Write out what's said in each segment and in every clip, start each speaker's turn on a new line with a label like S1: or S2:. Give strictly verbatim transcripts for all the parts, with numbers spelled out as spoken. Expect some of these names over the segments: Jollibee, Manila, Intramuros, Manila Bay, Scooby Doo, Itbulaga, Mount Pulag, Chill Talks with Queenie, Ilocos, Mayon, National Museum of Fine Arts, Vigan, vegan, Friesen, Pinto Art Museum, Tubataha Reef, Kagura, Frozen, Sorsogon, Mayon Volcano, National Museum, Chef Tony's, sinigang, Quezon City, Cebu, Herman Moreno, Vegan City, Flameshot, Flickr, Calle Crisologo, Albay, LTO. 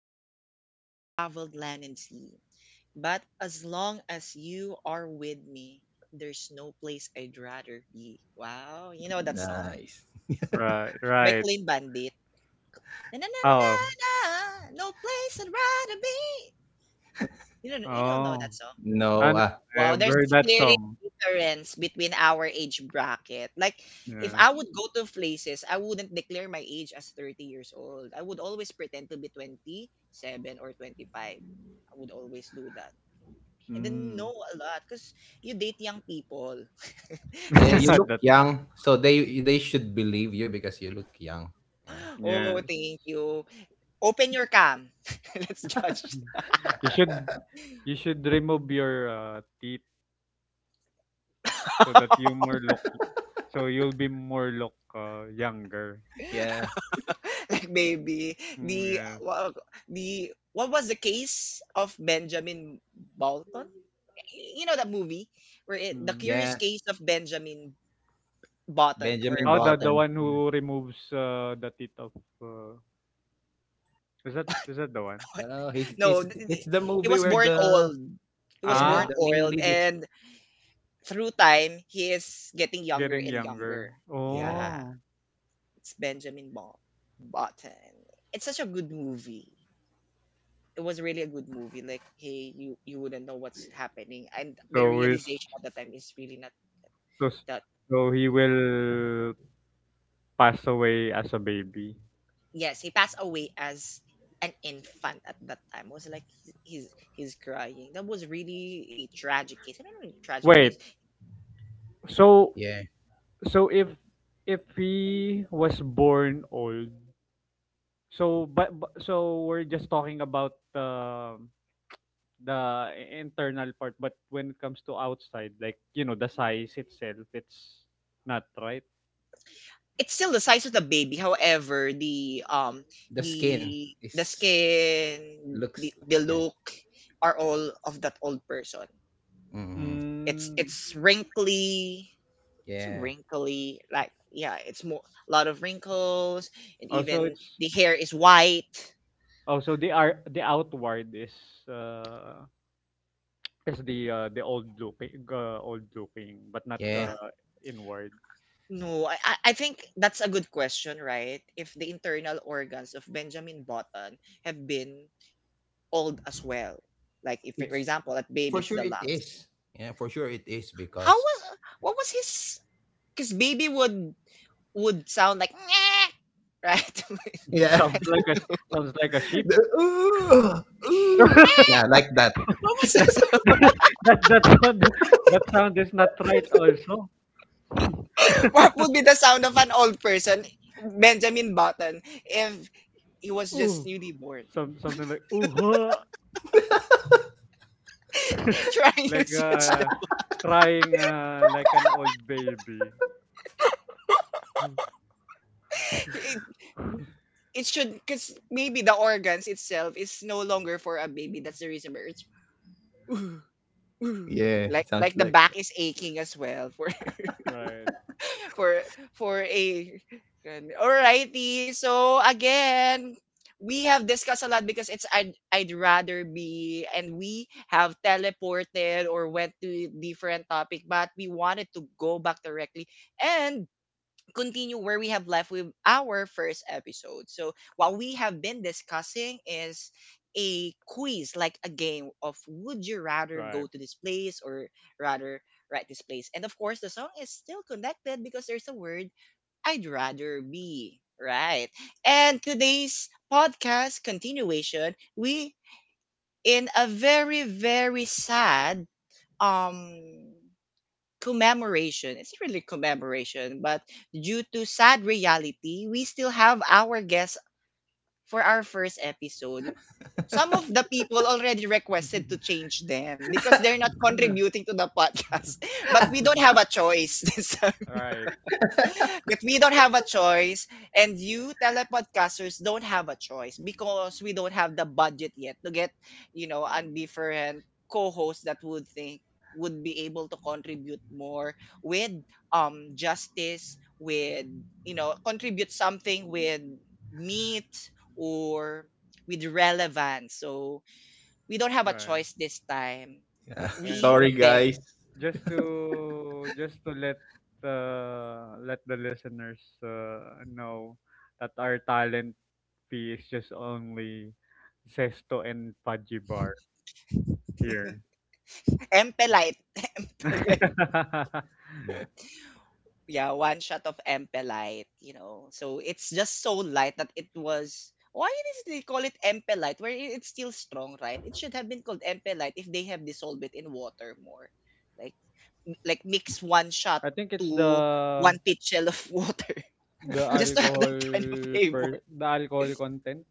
S1: We have traveled land and sea. But as long as you are with me, there's no place I'd rather be. Wow. You know that song
S2: Nice.
S3: Right,
S1: by
S3: right.
S1: Clean Bandit. Na, na, na,
S3: Oh,
S1: na, na, no place I'd rather be. You don't, you don't know
S3: oh.
S1: that song?
S2: No,
S3: And
S2: ah,
S3: I
S1: Wow,
S3: have
S1: there's
S3: heard that
S1: clearly
S3: song.
S1: difference between our age bracket. Like, if I
S3: Yes.
S1: would go to places, I wouldn't declare my age as thirty years old. I would always pretend to be twenty seven or twenty five. I would always do that. And then
S3: Mm.
S1: know a lot because you date young people.
S2: Yeah,
S1: Just
S2: you
S1: kid-
S2: look
S3: That,
S2: young, so they they should believe you because you look young. Yeah,
S1: Oh,
S3: yes.
S1: thank you. Open your cam. Let's judge.
S3: You should you should remove your uh, teeth so that you more look so you'll be more look uh, younger.
S2: yeah,
S1: Like maybe
S3: Mm,
S1: the
S3: yes.
S1: well, the what was the case of Benjamin Bolton? You know that movie where it, the
S3: Mm.
S1: Curious
S2: yeah.
S1: Case of Benjamin Button or
S2: Benjamin
S3: Oh, the
S1: Bolton.
S3: the
S2: Button.
S3: one
S2: Mm.
S3: who removes uh, the teeth of uh, is that is that the one?
S2: Oh, he's
S1: No,
S2: it's
S1: th- th-
S2: it's the
S1: he
S2: movie
S1: was
S2: where
S1: born
S2: the
S1: old. He was
S2: yeah
S1: born
S3: Ah,
S2: the main
S1: old,
S2: lead is
S1: and through time he is getting younger
S3: getting
S1: and
S3: younger.
S1: younger. Yeah,
S2: yeah
S3: Oh,
S1: it's Benjamin Bal- Button. It's such a good movie. It was really a good movie. Like, hey, you you wouldn't know what's happening. And my
S3: so is.
S1: realization at the time is really not
S3: So, s-
S1: that
S3: so he
S1: good.
S3: will pass away as a baby.
S1: Yes, he passed away as an infant at that time. It was like he's he's crying. That was really a tragic case. I don't know, tragic case.
S3: Wait, so
S2: yeah
S3: so if if he was born old, so but, but so we're just talking about the the internal part, but when it comes to outside, like you know the size itself, it's not right.
S1: It's still the size of the baby. However, the um
S2: the skin
S1: the the
S2: is
S1: skin,
S2: looks
S1: the
S2: like
S1: the
S2: yeah
S1: look are all of that old person.
S2: mm
S1: It's
S3: Mm,
S1: it's wrinkly. It's
S2: yeah
S1: wrinkly, like, yeah, it's more a lot of wrinkles and
S3: also,
S1: even
S3: it's
S1: the hair is white.
S3: also the are the outward is uh it's the, uh, the old looking, uh, old looking, but not,
S2: yeah
S1: Yeah,
S3: uh, inward.
S1: no, i i I think that's a good question, right? If the internal organs of Benjamin Button have been old as well, like if for
S2: it's
S1: example that baby
S2: for
S1: is
S2: sure
S1: the
S2: it
S1: lungs,
S2: is. yeah for sure it is
S1: how
S2: because
S1: was what was his because baby would would sound like "Nyeh," right?
S2: yeah
S3: Sounds like a sounds like a sheep.
S2: the, ooh, ooh. yeah like that.
S1: what was
S3: That
S1: the
S3: that that that sound that sound is not right also.
S1: What would be the sound of an old person, Benjamin Button, if he was just
S3: Ooh,
S1: newly born?
S3: some something like ooh, huh.
S1: Trying
S3: Like
S1: to search
S3: uh,
S1: the
S3: crying uh, like an old baby.
S1: it, it should, because maybe the organs itself is no longer for a baby. That's the reason where it's
S2: yeah it
S1: like
S2: sounds
S1: like the
S2: like.
S1: back is aching as well for
S3: Right,
S1: for for a and- alrighty. So again, we have discussed a lot because it's I'd I'd rather be, and we have teleported or went to different topic, but we wanted to go back directly and continue where we have left with our first episode. So, what we have been discussing is a quiz, like a game of would you rather go
S3: right.
S1: to this place or rather write this place. And of course, the song is still connected because there's a word I'd rather be. Right. And today's podcast continuation, we in a very, very sad um commemoration. It's really commemoration, but due to sad reality, we still have our guests for our first episode. Some of the people already requested to change them because they're not contributing to the podcast, but we don't have a choice.
S3: Right.
S1: But we don't have a choice, and you telepodcasters don't have a choice because we don't have the budget yet to get, you know, a
S3: mm,
S1: different co-host that would think would be able to contribute more with um justice, with you know, contribute something with meat or with relevance. So we don't have a
S3: Right.
S1: choice this time.
S2: Yeah.
S3: And
S1: We
S2: Sorry,
S3: just
S1: beg.
S2: guys.
S3: just to just to let uh, let the listeners uh, know that our talent fee is just only Zesto and Fudgy Bar here.
S1: Empelite. Yeah, one shot of empe light, you know. So it's just so light that it was why is they call it empe light? Where I- it's still strong, right? It should have been called empe light if they have dissolved it in water more. Like like mix one shot
S3: I think it's
S1: to
S3: the
S1: one pitchel of water
S3: the
S1: just to have
S3: alcohol
S1: that kind of
S3: per
S1: flavor.
S3: the alcohol content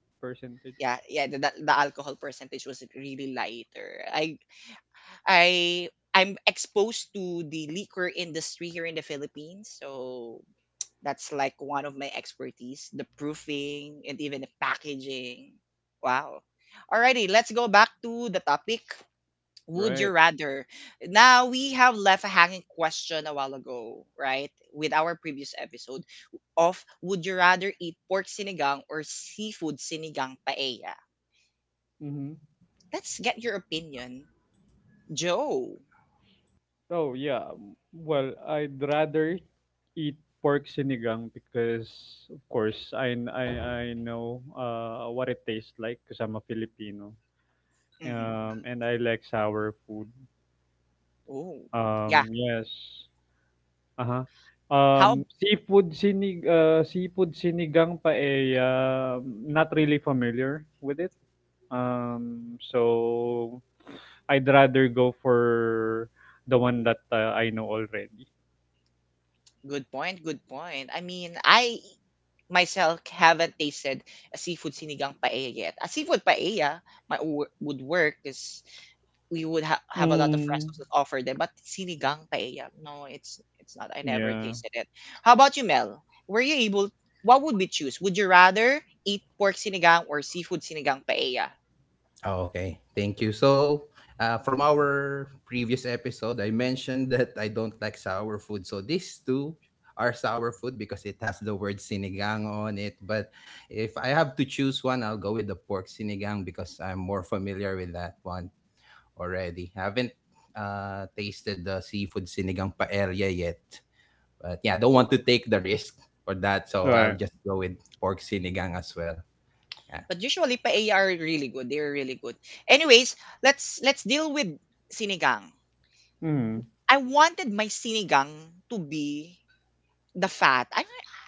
S1: Yeah,
S3: percentage.
S1: yeah, the, the the alcohol percentage was really lighter. I I I'm exposed to the liquor industry here in the Philippines, so that's like one of my expertise, the proofing and even the packaging. Wow. Alrighty, let's go back to the topic. Would you
S3: Right.
S1: rather? Now we have left a hanging question a while ago, right? With our previous episode of would you rather eat pork sinigang or seafood sinigang paella?
S3: Mm-hmm.
S1: Let's get your opinion, Joe.
S3: Oh yeah. Well, I'd rather eat pork sinigang because of course I I I know uh what it tastes like because I'm a Filipino.
S1: Hmm.
S3: Um and I like sour food.
S1: Oh, yeah.
S3: Um yes. Uh-huh. Um
S1: How?
S3: seafood sinig uh seafood sinigang pa eh uh, not really familiar with it. Um so I'd rather go for the one that uh, I know already.
S1: Good point. Good point. I mean, I myself haven't tasted a seafood sinigang paella yet. A seafood paella might wo- would work because we would ha- have a lot of
S3: Mm.
S1: restaurants that offer them. But sinigang paella, no, it's it's not. I never
S3: Yeah.
S1: tasted it. How about you, Mel? Were you able? What would we choose? Would you rather eat pork sinigang or seafood sinigang paella?
S2: Oh, okay. Thank you. So, uh, from our previous episode, I mentioned that I don't like sour food. So, these two are sour food because it has the word sinigang on it. But if I have to choose one, I'll go with the pork sinigang because I'm more familiar with that one already. haven't uh, tasted the seafood sinigang paella yet. But yeah, I don't want to
S1: Ooh.
S2: take the risk for that. So, I'll
S3: Right.
S2: just go with pork sinigang as well. Yeah.
S1: But usually paella are really good. They're really good. Anyways, let's let's deal with sinigang.
S3: Mm.
S1: I wanted my sinigang to be the fat. I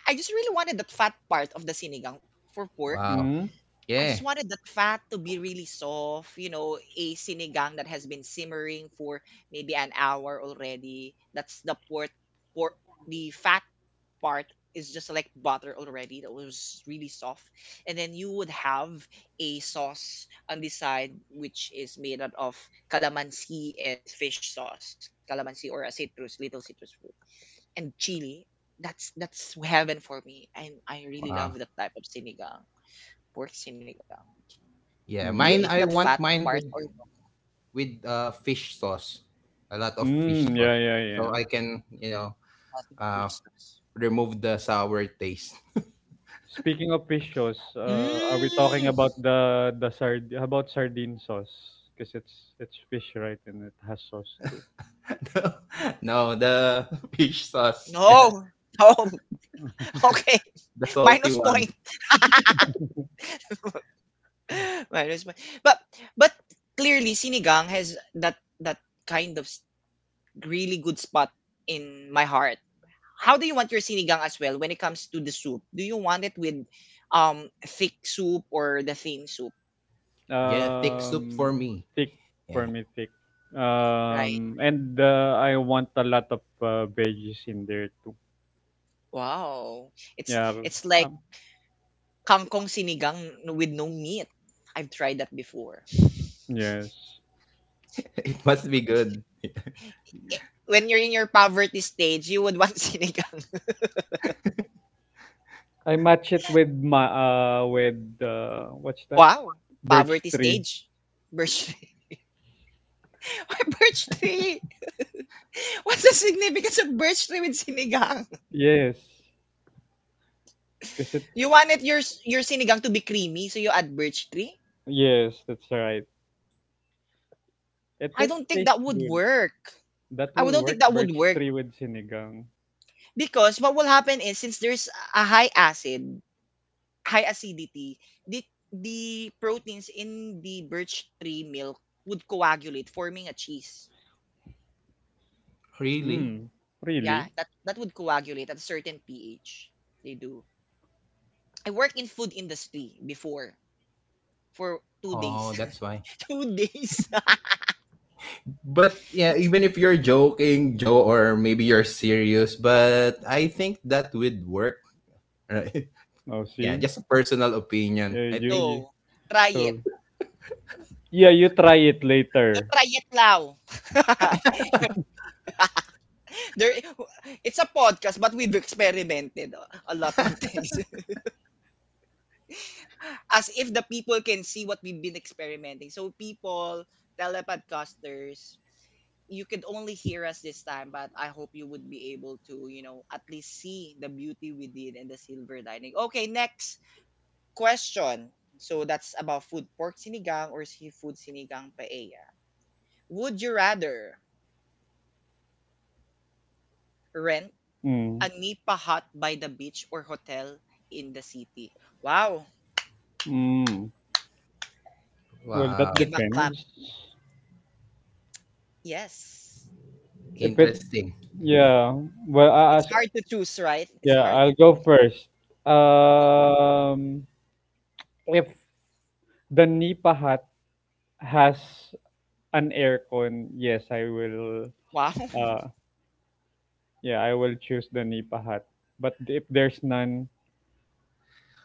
S1: I just really wanted the fat part of the sinigang for pork.
S2: Wow.
S3: Mm.
S1: I just
S2: Yeah.
S1: wanted the fat to be really soft, you know, a sinigang that has been simmering for maybe an hour already. That's the pork pork the fat part is just like butter already that was really soft. And then you would have a sauce on the side which is made out of calamansi and fish sauce. Calamansi or a citrus, little citrus and chili. That's that's heaven for me. And I really love
S2: Wow.
S1: that type of sinigang, pork sinigang. Do you eat
S2: Yeah.
S1: that fat
S2: Mine,
S3: Yeah.
S2: I
S1: part or
S2: want
S1: not
S2: mine with with uh fish sauce, a lot of fish
S3: Mm.
S2: sauce,
S3: Yeah. Yeah.
S2: so
S3: Yeah.
S2: I can you know
S1: infused
S2: uh
S1: sauce?
S2: remove the sour taste.
S3: Speaking of fish sauce, uh, are we
S1: Mm,
S3: talking about the the sard how about sardine sauce? Because it's it's fish, right? And it has sauce too.
S2: no, the fish sauce. Yeah,
S1: no, no. Okay,
S2: the salty
S1: minus
S2: one.
S1: point. Minus point. But but clearly, sinigang has that that kind of s- really good spot in my heart. How do you want your sinigang as well when it comes to the soup? Do you want it with um thick soup or the thin soup?
S2: Yeah, thick soup for
S3: um,
S2: me.
S3: Thick
S2: Yeah.
S3: for me, thick.
S1: Right?
S3: Um, and uh, I want a lot of uh, veggies in there too.
S1: Wow. It's
S3: Yeah.
S1: it's like
S3: Um,
S1: kangkong sinigang with no meat. I've tried that before.
S3: yes.
S2: It must be good.
S1: I- When you're in your poverty stage, you would want sinigang.
S3: I match it with my uh with uh what's that?
S1: Wow.
S3: Birch
S1: Poverty
S3: tree.
S1: stage. Birch tree. Why birch tree? What's the significance of birch tree with sinigang?
S3: Yes, because
S1: You
S3: it's
S1: wanted your s- your sinigang to be creamy, so you add birch tree?
S3: yes, that's right. It
S1: I
S3: that
S1: don't think that
S3: tastes
S1: would
S3: good.
S1: work.
S3: That
S1: I would-
S3: will
S1: don't think
S3: work
S1: that would
S3: birch
S1: work
S3: tree with sinigang.
S1: because what will happen is since there's a high acid, high acidity, the the proteins in the birch tree milk would coagulate, forming a cheese.
S2: Really?
S3: Mm,
S1: Yeah,
S3: really?
S1: that that would coagulate at a certain pH. They do. I worked in food industry before for two
S2: Oh,
S1: days.
S2: that's why.
S1: Two days.
S2: But yeah,
S1: That's,
S2: even if you're joking, Joe, or maybe you're serious, but I think that would work, right?
S3: Oh,
S2: Yeah,
S3: see,
S2: just a personal opinion.
S3: uh,
S2: I
S3: you,
S2: think
S3: you
S1: no, try it.
S3: so yeah, you try it
S1: You
S3: later.
S1: try it now. There, it's a podcast, but we've experimented a lot of things, as if the people can see what we've been experimenting. So people, telepodcasters, you could only hear us this time, but I hope you would be able to, you know, at least see the beauty we did and the silver lining. Okay, next question. So that's about food pork sinigang or seafood sinigang paella. Would you rather rent
S3: Mm,
S1: a nipa hut by the beach or hotel in the city? Wow,
S3: mm. Well, that
S2: Wow,
S1: give a clap.
S3: depends.
S1: Yes.
S3: If it
S2: interesting.
S3: yeah, well, I,
S1: It's
S3: as
S1: hard to choose, right? It's
S3: yeah,
S1: hard to
S3: I'll go
S1: choose.
S3: first. Um, if the Nipa hut has an aircon, yes, I will.
S1: Wow.
S3: Uh, Yeah, I will choose the Nipa hut. But if there's none,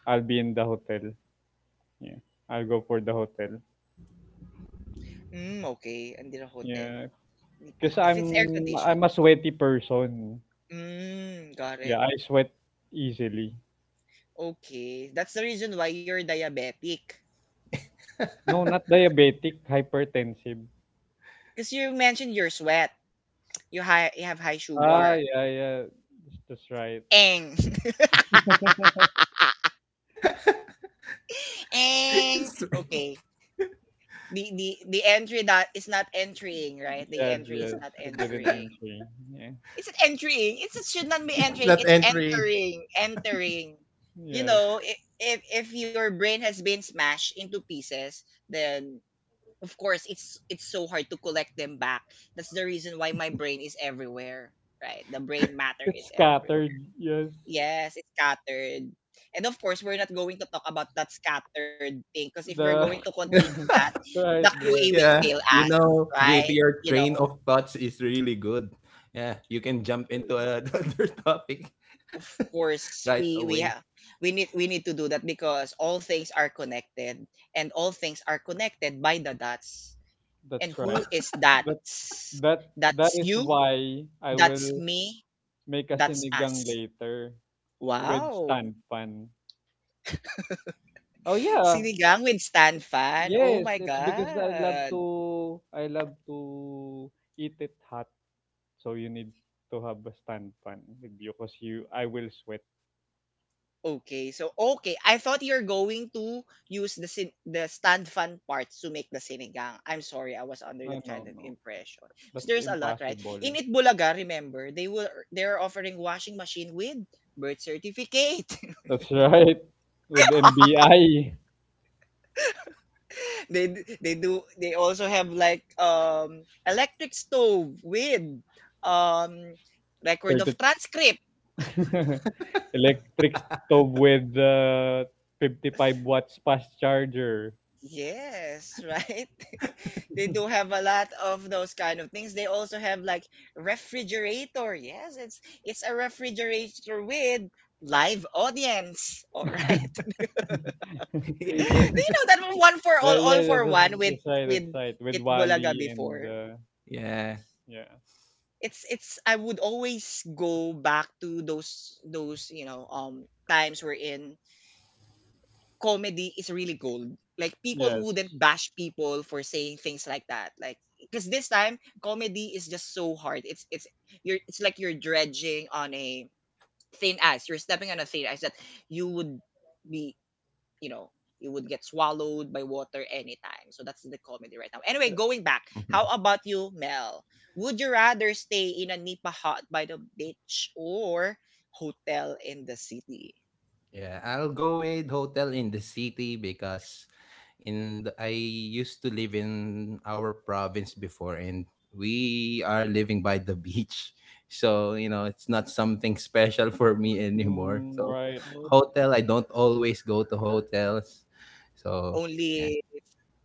S3: I'll be in the hotel. Yeah, I'll go for the hotel.
S1: Mm, okay. Under a hotel.
S3: Yeah,
S1: Hindi pa.
S3: because
S1: If it's air
S3: I'm
S1: conditioned.
S3: I'm a sweaty person.
S1: Mm, got it.
S3: Yeah, I sweat easily.
S1: Okay. That's the reason why you're diabetic.
S3: No, not diabetic, hypertensive.
S1: Because you mentioned your sweat. You, high, you have high
S3: Ah,
S1: sugar.
S3: yeah, yeah, that's that's right.
S1: Eng. Eng. Okay. The, the, the entry that is not entering, right? The
S3: Yes,
S1: entry is
S3: yes,
S1: not
S3: it didn't
S1: entering.
S3: enter. Yeah,
S1: Is it entering? It's, it should not be entering.
S2: That
S1: It's
S2: entry.
S1: entering. Entering. You
S3: yes,
S1: know, i- if if your brain has been smashed into pieces, then of course it's it's so hard to collect them back. That's the reason why my brain is everywhere, right? The brain matter
S3: it's
S1: is
S3: scattered.
S1: everywhere.
S3: Yes,
S1: Yes, it's scattered. And of course, we're not going to talk about that scattered thing because if we're going
S3: the
S1: to continue that, the
S3: right,
S1: Q A
S3: right.
S1: will
S2: Yeah,
S1: fail us,
S2: you know,
S1: right?
S2: J P, your
S1: You know,
S2: train of thoughts is really good. Yeah, you can jump into another topic
S1: of course
S2: right
S1: we we
S2: away.
S1: have we need we need to do that because all things are connected and all things are connected by the dots
S3: That's
S1: and
S2: Wow.
S1: who
S3: right.
S1: is that,
S3: The That that
S1: that's
S3: is
S1: you,
S3: why I
S1: that's
S3: will
S1: me,
S3: make a
S1: that's
S3: sinigang
S1: us.
S3: later with
S1: Wow.
S3: stand pan. Oh yeah.
S1: Sinigang with stan fan, oh
S3: Yes,
S1: my
S3: it's because I love
S1: god.
S3: to I love to eat it hot. So you need to have a stand pan with you because you I will sweat.
S1: Okay, so okay. I thought you're going to use the sin- the stand fan parts to make the sinigang. I'm sorry, I was under
S3: No,
S1: that
S3: no,
S1: kind of
S3: no.
S1: impression. 'Cause
S3: That's
S1: there's a lot, right? In
S3: impossible.
S1: Itbulaga, remember, they will they're offering washing machine with birth certificate.
S3: That's right. With N B I
S1: They d- they do, they also have like um electric stove with um record of
S3: thirty
S1: transcript.
S3: electric stove with uh, 55 watts fast charger.
S1: Yes, right? They do have a lot of those kind of things. They also have like refrigerator. Yes, it's it's a refrigerator with live audience. All right.
S2: In it.
S1: Do you know that one for
S3: Uh,
S1: all,
S3: yeah,
S1: all
S3: yeah,
S1: for
S3: that's
S1: one with
S3: that's right,
S1: with
S3: that's right. With
S1: Itbulaga
S3: Wally and
S1: before?
S3: uh,
S2: Yeah.
S3: yeah,
S1: It's it's I would always go back to those those, you know, um times we're in comedy is really gold. Like people
S3: yes.
S1: wouldn't bash people for saying things like that. Like because this time comedy is just so hard. It's it's you're it's like you're dredging on a thin ice. You're stepping on a thin ice that you would be you know you would get swallowed by water anytime. So that's the comedy right now.
S3: Uh,
S1: Anyway, going back, how about you, Mel? Would you rather stay in a nipa hut by the beach or hotel in the city?
S2: Yeah, I'll go with Hotel in the City because and I used to live in our province before, and we are living by the beach. So, you know, it's not something special for me anymore.
S3: mm,
S2: So,
S3: right,
S1: Oh.
S2: hotel, I don't always go to hotels. So, yeah.
S1: Only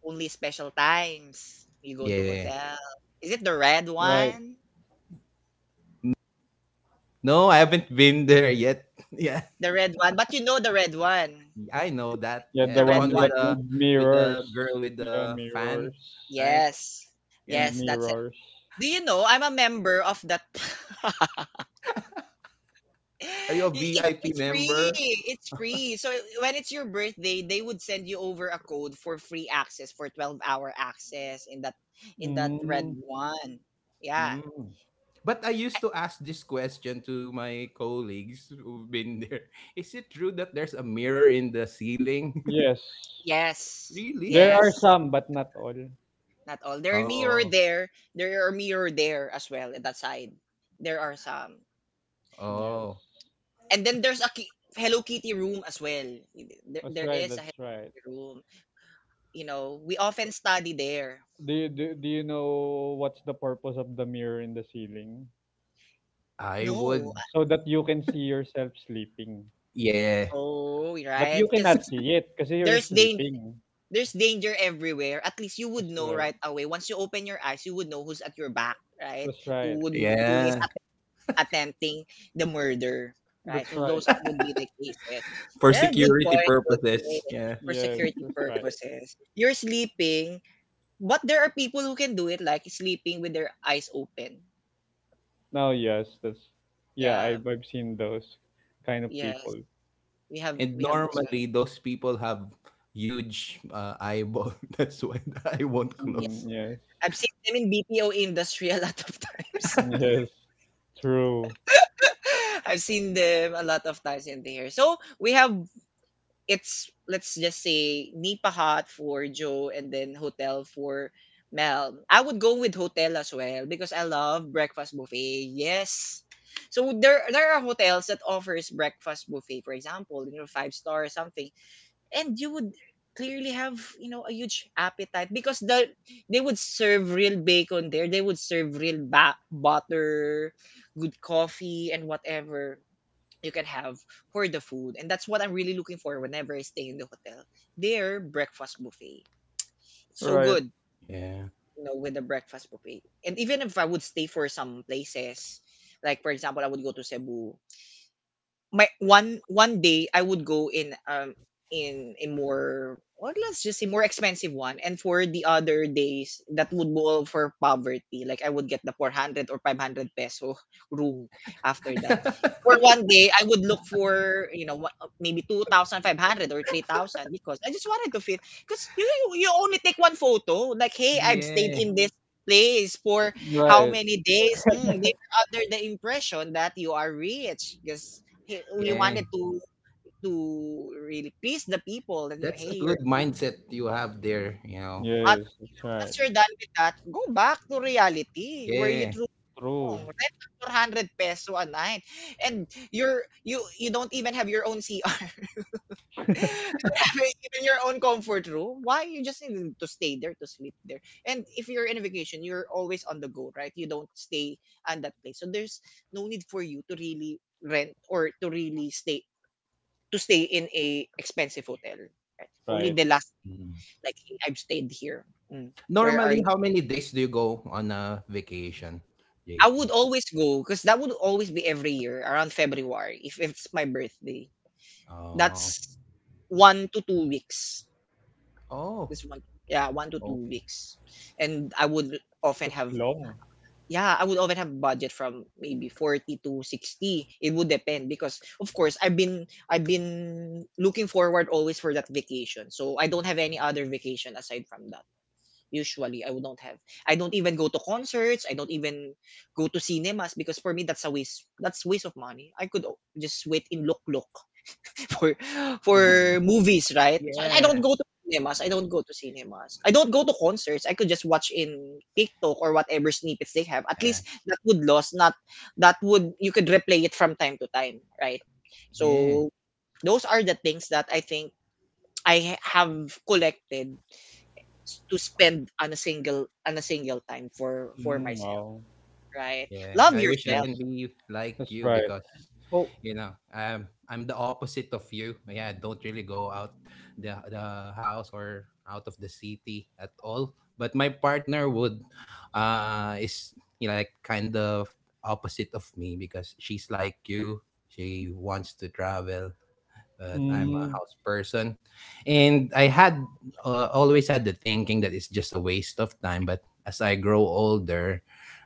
S1: only special times you go to
S2: Yeah.
S1: hotel. Is it the red
S3: right.
S1: one?
S2: N- No, I haven't been there yet. Yeah.
S1: The red one. But you know the red one.
S2: I know that.
S3: Yeah,
S2: Yeah,
S1: The
S3: the
S2: the
S1: red
S2: one
S3: one
S2: with
S1: one.
S3: that
S2: the
S3: with
S2: with the girl
S3: mirrors.
S2: with
S3: Yeah,
S2: the fan,
S3: mirrors
S2: right?
S1: Yes.
S2: Yeah.
S3: and
S1: Yes, that's it.
S3: mirrors.
S1: Do you know I'm a member of that?
S2: Are you a
S1: Y- It's
S2: V I P
S1: it's free.
S2: member?
S1: It's free. So when it's your birthday, they would send you over a code for free access for twelve-hour-hour access in that in that red
S3: Mm,
S1: one. Yeah.
S2: Mm. But I used to ask this question to my colleagues who've been there. Is it true that there's a mirror in the ceiling?
S3: yes,
S1: Yes.
S2: Really?
S3: there are
S1: Yes.
S3: some, but not all.
S1: Not all. There are mirror
S2: Oh,
S1: there. There are mirror there as well at that side. There are some.
S2: oh.
S3: Yes,
S1: And then there's a ki- Hello Kitty room as well. There,
S3: that's
S1: there
S3: right,
S1: is a
S3: that's
S1: Hello
S3: right.
S1: Kitty room. You know, we
S3: So,
S1: often study there.
S3: do you do, do you know what's the purpose of the mirror in the ceiling?
S2: I
S1: No.
S2: would.
S3: So that you can see yourself sleeping.
S2: Yeah,
S1: Oh,
S3: But
S1: right.
S3: you
S1: Because
S3: cannot see it because you're
S1: there's dan-
S3: sleeping.
S1: there's danger everywhere. At least you would
S3: That's
S1: know
S3: right.
S1: right away. Once you open your eyes, you would know who's at your back, right?
S3: That's right.
S1: Who would who is
S2: yeah.
S1: attempting the murder, right?
S3: That's
S1: So
S3: right.
S1: those are- would be the cases.
S2: For
S1: Yeah, good
S2: security
S1: point. Good point.
S2: purposes. Yeah.
S1: For
S3: Yes,
S1: security
S3: that's right.
S1: purposes, you're sleeping, but there are people who can do it, like sleeping with their eyes open.
S3: Now, yes, that's yeah.
S1: Yeah,
S3: I've I've seen those kind of people.
S1: yes, we have
S2: And
S1: we have those kind.
S2: normally those people have huge uh, eyeball. That's why the eye won't
S1: Yeah,
S3: Mm,
S2: close.
S3: yes,
S1: I've seen them in B P O industry a lot of times.
S3: mm, yes, true.
S1: I've seen them a lot of times in there. So we have it's let's just say Nipa Hut for Joe and then hotel for Mel. I would go with hotel as well because I love breakfast buffet. Yes. So there there are hotels that offers breakfast buffet, for example, you know, five star or something. And you would clearly have, you know, a huge appetite, because the they would serve real bacon there. They would serve real ba- butter, good coffee and whatever you can have for the food. And that's what I'm really looking for whenever I stay in the hotel. Their breakfast buffet. It's so
S3: Right,
S1: good,
S2: Yeah.
S1: you know, with the breakfast buffet. And even if I would stay for some places, like for example, I would go to Cebu, my one one day I would go in um in a more, or let's just say more expensive one, and for the other days that would be all for poverty, like I would get the four hundred or five hundred peso room. After that, for one day I would look for you know wha- maybe two thousand five hundred or three thousand, because I just wanted to feel. Because you you you only take one photo, like hey, I've stayed
S2: Yeah,
S1: in this place for how
S3: right.
S1: many days. Mm, they are under the impression that you are rich, because he, we
S2: yeah.
S1: wanted to to really please the people. I mean,
S2: That's a
S1: hey,
S2: good
S1: you're
S2: mindset you have there, you know.
S1: but
S3: Yes, that's right.
S1: once you're done with that, go back to reality where you
S2: Yeah.
S1: truly
S3: True.
S1: belong. Rent for four hundred peso a night, and you're you you don't even have your own C R. You don't have even your own comfort room. Why you just need to stay there to sleep there? And if you're in a vacation, you're always on the go, right? You don't stay at that place, so there's no need for you to really rent, or to really stay to stay in a expensive hotel. Right? Only
S3: Right.
S1: the last,
S2: Mm.
S1: like, I've stayed here. Mm. Where are
S2: Normally,
S1: you?
S2: how many days do you go on a vacation,
S1: I would
S2: J P?
S1: always go because that would always be every year around February, if, if it's my birthday.
S2: Oh,
S1: That's one to two weeks.
S2: oh,
S1: This one, yeah, one to two
S2: okay.
S1: weeks, and I would often
S3: That's
S1: have
S3: long.
S1: yeah, I would often have budget from maybe forty to sixty. It would depend because, of course, I've been I've been looking forward always for that vacation. So I don't have any other vacation aside from that. Usually, I would not have. I don't even go to concerts. I don't even go to cinemas because for me that's a waste. That's waste of money. I could o- just wait in look look for for
S3: Mm.
S1: movies, right? So I don't
S2: Yeah,
S1: go to cinemas. I don't go to cinemas. I don't go to concerts. I could just watch in TikTok or whatever snippets they have. At
S2: yeah,
S1: least that would loss not that would you could replay it from time to time, right?
S2: yeah,
S1: So those are the things that I think I have collected, s- to spend on a single on a single time for for
S3: Mm,
S1: myself,
S3: wow.
S1: right.
S2: yeah.
S1: Love
S2: I wish I
S1: yourself.
S2: can
S3: Nice.
S2: be like
S3: That's
S2: you
S3: right.
S2: because,
S3: Oh.
S2: you know, I'm I'm the opposite of you. Yeah, I don't really go out the the house or out of the city at all. But my partner would, uh, is you know, like kind of opposite of me because she's like you. She wants to travel but
S1: Mm,
S2: I'm a
S3: Mm,
S2: house person. And I had uh, always had the thinking that it's just a waste of time. But as I grow older,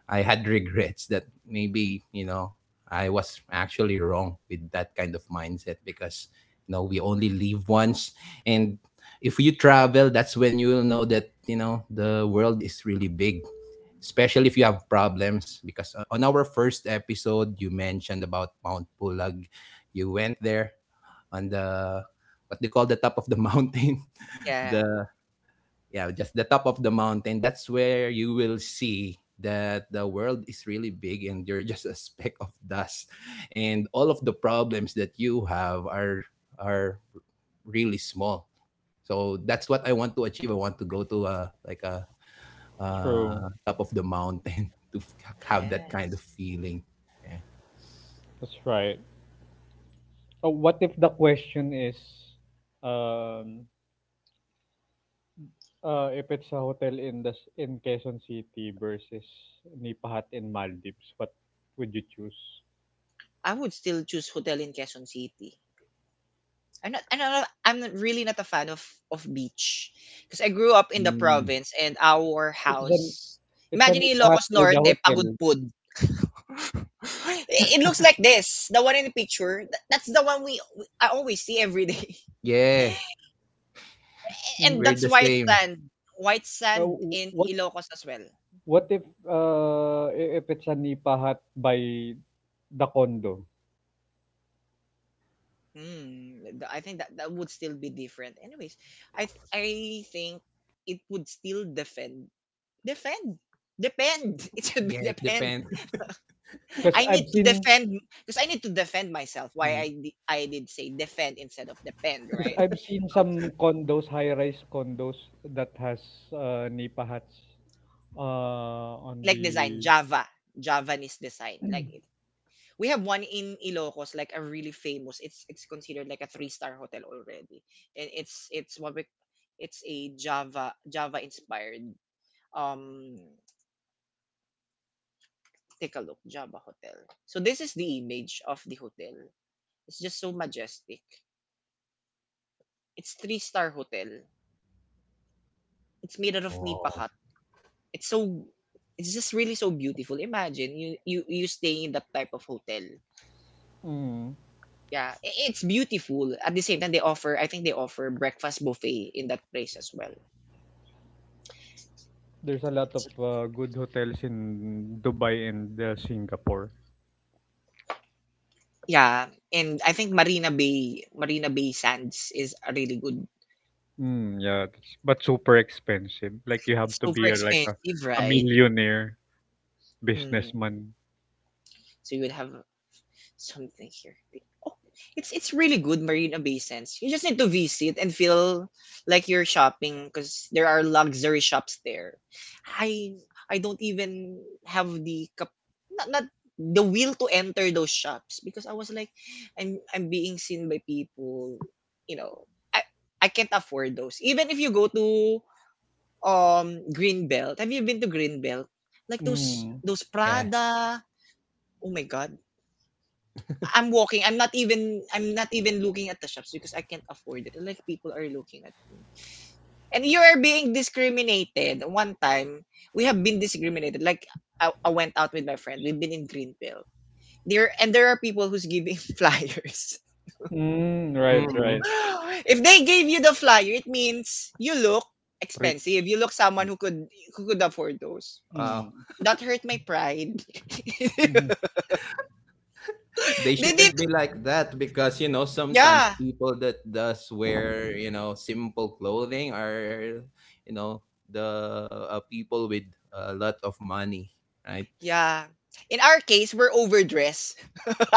S2: I had regrets that maybe, you know, I was actually wrong with that kind of mindset because, you know, we only live once. And if you travel, that's when you will know that, you know, the world is really big, especially if you have problems because o- on our first episode you mentioned about Mount Pulag. You went there on the what they call the top of the mountain.
S1: yeah,
S2: the yeah Just the top of the mountain. That's where you will see that the world is really big and you're just a speck of dust, and all of the problems that you have are are really small. So that's what I want to achieve. I want to go to a like a
S3: true.
S2: uh, top of the mountain to f- have that
S1: yeah.
S2: kind of feeling. Yeah.
S3: That's right. Oh, what if the question is, um, Uh, if it's a hotel in the s- in Quezon City versus Nipahat in Maldives, what would you choose?
S1: I would still choose hotel in Quezon City. I'm not I'm not I'm not- Really not a fan of of beach, because I grew up in the
S2: Mm,
S1: province, and our
S3: It's an
S1: house,
S3: it's a
S1: imagine, in
S3: Nipahat
S1: Ilocos
S3: by the
S1: Norte, pagod
S3: hotel.
S1: pod. I- it looks like this, the one in the picture, th- that's the one we, we I always see every day.
S2: yeah,
S1: And
S3: Mhm.
S2: we're
S1: that's
S2: the
S1: white
S2: same.
S1: sand. White
S3: Uh,
S1: sand
S3: w-
S1: in
S3: what
S1: Ilocos as well.
S3: what if uh i- if it's a Nipahat by the condo?
S1: Mm, th- I think that that would still be different. Anyways, I th- I think it would still defend defend depend. It should be
S2: Yeah, it
S1: depend.
S2: depends.
S3: Because
S1: I
S3: I've
S1: need to
S3: seen
S1: defend because I need to defend myself. Why I di- I did say defend instead of depend,
S3: because
S1: right?
S3: I've seen
S1: Okay.
S3: some condos, high-rise condos that has uh, Nipahats uh on
S1: Like design
S3: the
S1: Java, Javanese design. Like it, we have one in Ilocos, like a really famous. It's it's considered like a three star hotel already, and it's it's what we, it's a Java Java inspired. um Take a look, Java Hotel. So this is the image of the hotel. It's just so majestic. It's three-star hotel. It's made out of nipa
S2: Oh,
S1: hut. It's so it's just really so beautiful. Imagine you you you staying in that type of hotel.
S3: Mm.
S1: Yeah, it's beautiful. At the same time, they offer I think they offer breakfast buffet in that place as well.
S3: There's a lot of uh, good hotels in Dubai and uh, Singapore.
S1: Yeah, and I think Marina Bay Marina Bay Sands is a really good.
S3: Mm, yeah, that's, but super expensive. Like you
S1: It's
S3: have to
S1: super
S3: be a, like a,
S1: expensive,
S3: a
S1: right?
S3: millionaire
S1: Mm.
S3: businessman.
S1: So you would have something here. Oh, it's it's really good Marina Bay Sands. You just need to visit and feel like you're shopping because there are luxury shops there. I I don't even have the cap, not, not the will to enter those shops, because I was like I'm I'm being seen by people, you know. I I can't afford those. Even if you go to um Greenbelt. Have you been to Greenbelt? Like those
S3: Mm.
S1: those
S2: yeah.
S1: Prada. Oh my god, I'm walking. I'm not even I'm not even looking at the shops because I can't afford it. And like people are looking at me. And you are being discriminated. One time, we have been discriminated. Like I, I went out with my friend. We've been in Green Pill. There, and there are people who's giving flyers.
S3: Mm, right,
S2: Hmm.
S3: right.
S1: If they gave you the flyer, it means you look expensive.
S3: Rich.
S1: You look someone who could who could afford those.
S2: Wow.
S3: Mm.
S1: That hurt my pride.
S3: Mhm.
S2: They
S1: They did,
S2: shouldn't be like that because you know sometimes
S1: yeah.
S2: people that does wear you know simple clothing are you know the uh, people with a lot of money, right?
S1: Yeah. In our case, we're overdressed.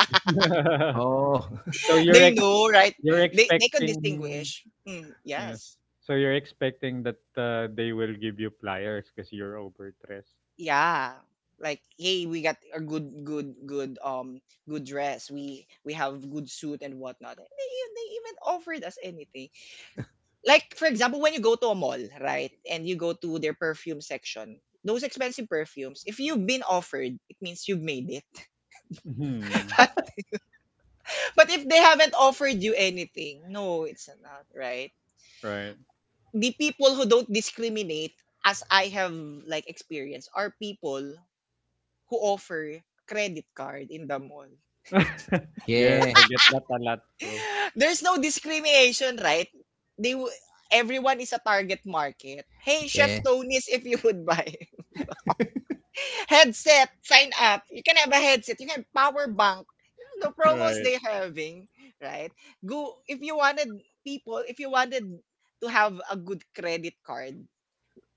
S2: Oh.
S3: So you're
S1: They
S3: ex
S1: know, right?
S3: you're
S1: They they can
S3: expecting
S1: distinguish. Mm, yes.
S3: yes. So you're expecting that uh, they will give you pliers because you're overdressed.
S1: Yeah. Like, hey, we got a good, good, good, um, good dress. We we have good suit and whatnot. And they e- they even offered us anything. Like, for example, when you go to a mall, right, and you go to their perfume section, those expensive perfumes, if you've been offered, it means you've made it.
S3: Hmm.
S1: But but if they haven't offered you anything, no, it's not, right?
S3: Right.
S1: The people who don't discriminate, as I have like experienced, are people who offer credit card in the mall.
S3: Yes,
S2: Yeah.
S3: I get that a lot too.
S1: There's no discrimination, right? They w- Everyone is a target market. Hey, Chef
S2: Yeah.
S1: Tony's, if you would buy headset, sign up. You can have a headset. You can have power bank. You know, the promos
S3: Right.
S1: they having, right? Go if you wanted people, if you wanted to have a good credit card,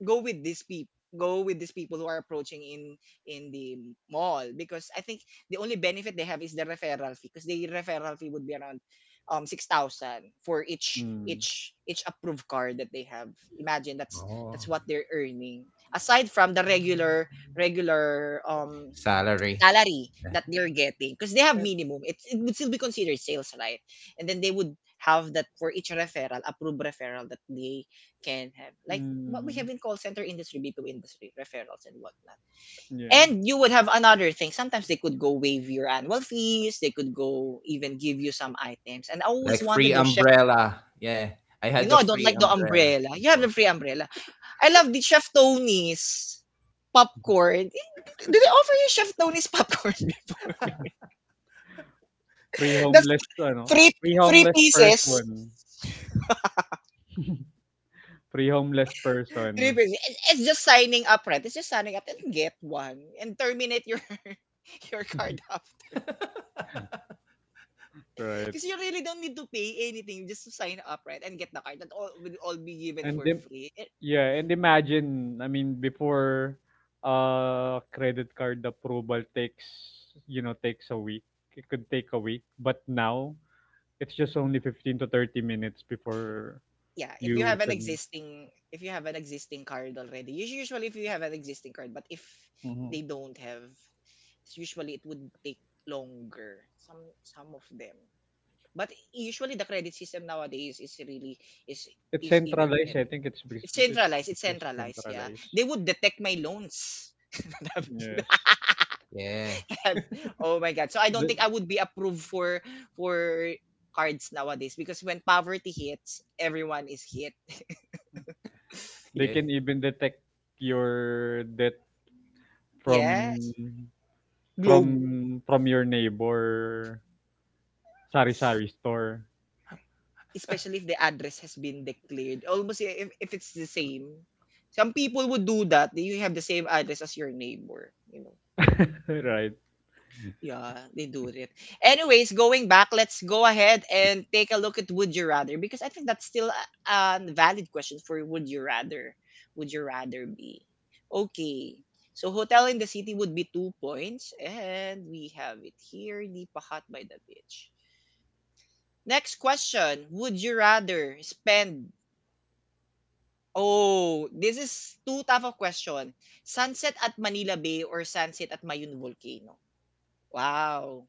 S1: go with these people, go with these people who are approaching in in the mall, because I think the only benefit they have is the referral fee, because the referral fee would be around um six thousand for each
S3: Mm.
S1: each each approved card that they have. Imagine, that's
S2: Oh.
S1: that's what they're earning aside from the regular regular um
S2: Salary.
S1: salary
S2: Yeah.
S1: that they're getting, because they have
S3: And,
S1: minimum. It, it would still be considered sales, right? And then they would have that for each referral, approved referral that they can have. Like what we
S3: mm,
S1: have in call center industry, b 2 industry, referrals and whatnot.
S3: yeah.
S1: And you would have another thing. Sometimes they could go waive your annual fees. They could go even give you some items. And I always
S2: Like free
S1: wanted those chef.
S2: umbrella. Yeah, I
S1: You
S2: had
S1: know,
S2: the
S1: I don't
S2: free
S1: like the
S2: umbrella
S1: umbrella. You have the
S2: before.
S1: free umbrella. I love the Chef Tony's popcorn. Did they offer you Chef Tony's popcorn before? That's
S3: Pre-homeless, ano,
S1: three three
S3: pre-homeless
S1: pieces.
S3: person. Pre-homeless person,
S1: Three pieces. It- It's just signing up, right? It's just signing up and get one and terminate your your card after.
S3: right?
S1: Because you really don't need to pay anything just to sign up, right? And get the card. That all will all be given
S3: And
S1: for
S3: then,
S1: free. It,
S3: yeah, and imagine, I mean, before uh credit card approval takes, you know, takes a week. It could take a week, but now it's just only fifteen to thirty minutes before
S1: yeah, if you
S3: you
S1: have an
S3: can.
S1: existing if you have an existing card already. Usu- Usually if you have an existing card, but if
S3: Mhm.
S1: they don't have, usually it would take longer. Some some of them. But usually the credit system nowadays is really is
S3: It's
S1: is even
S3: centralized. I
S1: better.
S3: think it's because
S1: It's
S3: it's,
S1: centralized. It's
S3: because it's
S1: centralized. Yeah,
S3: centralized.
S1: they would detect my loans.
S3: Yes.
S2: Yeah.
S1: Oh my god! So I don't
S3: The,
S1: think I would be approved for for cards nowadays because when poverty hits, everyone is hit.
S3: They
S2: Yeah.
S3: can even detect your death from
S1: Yes, globe.
S3: from from your neighbor sari-sari store,
S1: Especially if the address has been declared, almost i- if if it's the same. Some people would do that. You have the same address as your neighbor. You know.
S3: right?
S1: Yeah, they do it. Anyways, going back, let's go ahead and take a look at Would You Rather because I think that's still a, a valid question for Would You Rather. Would you rather be? Okay. So hotel in the city would be two points, and we have it here, Lipa Hut by the beach. Next question: Would you rather spend? Oh, this is too tough of question. Sunset at Manila Bay or sunset at Mayun Volcano? Wow.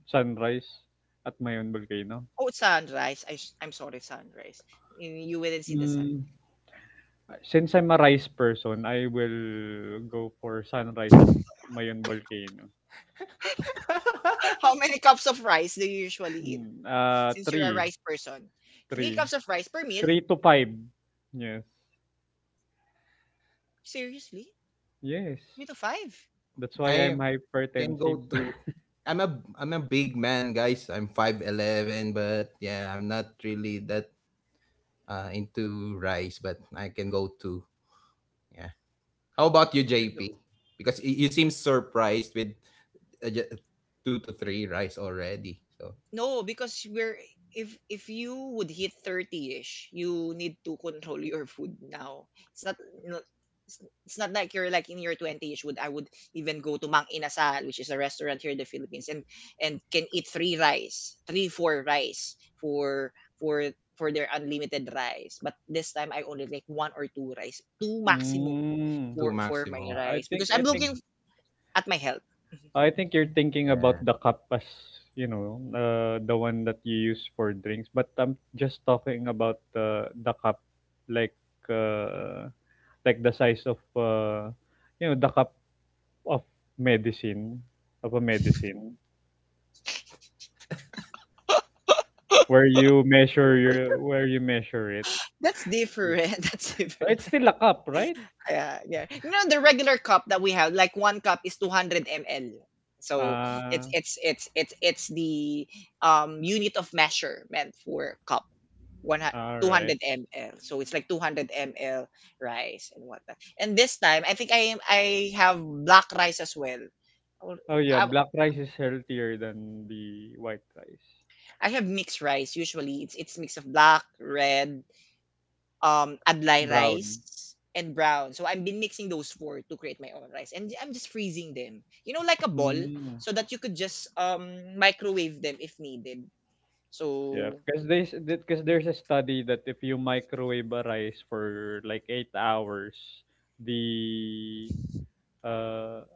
S3: Sunrise at Mayon Volcano.
S1: Oh, sunrise. i s- I'm sorry, sunrise. You you wouldn't see the sun.
S3: Mm, since I'm a rice person, I will go for sunrise at Mayon Volcano.
S1: How many cups of rice do you usually eat
S3: Mm, uh,
S1: since you're a
S3: three,
S1: rice person? Three
S3: three,
S1: cups of rice per meal?
S3: three to five. Yes,
S1: Seriously?
S3: yes.
S1: Three to five?
S3: That's why I'm
S2: I can go
S3: hypertensive.
S2: to I'm a I'm a big man, guys. I'm five'eleven, but yeah, I'm not really that uh, into rice, but I can go to yeah. How about you, J P? Because y- you seem surprised with uh, ju- two to three rice already. So
S1: No, because we're if if you would hit thirty-ish, you need to control your food now. It's not no- it's it's not like you're like in your twenty-ish would I would even go to Mang Inasal, which is a restaurant here in the Philippines and and can eat three rice, three four rice for for for their unlimited rice. But this time I only like one or two rice, two maximum
S3: mm,
S2: two
S1: for for my
S2: maximum.
S3: I
S1: rice
S3: think
S1: because
S3: I
S1: I'm
S3: think
S1: looking
S2: Mm,
S1: at my health. Mm-hmm.
S3: I think you're thinking about
S2: yeah.
S3: the kapas, you know, uh, the one that you use for drinks. But I'm just talking about the the cup, like uh, like the size of uh, you know the cup of medicine of a medicine where you measure your where you measure it.
S1: That's different. That's
S3: Oh, it's
S1: different.
S3: still a cup, right?
S1: Yeah, yeah. You know the regular cup that we have, like one cup is two hundred milliliters. So
S3: Ah,
S1: it's it's it's it's it's the um unit of measurement for cup. One
S3: all right.
S1: two hundred milliliters. So it's like two hundred milliliters rice and whatnot. And this time, I think I am I have black rice as well. Or-
S3: Oh yeah,
S1: I,
S3: black rice is healthier than the white rice.
S1: I have mixed rice usually. It's it's mix of black, red, um, adlai rice
S3: Brown.
S1: and brown. So I've been mixing those four to create my own rice, and I'm just freezing them. You know, like a ball,
S3: Mm.
S1: so that you could just um microwave them if needed.
S3: Yeah,
S1: So
S3: because there's because there's a study that if you microwave a rice for like eight hours, the uh,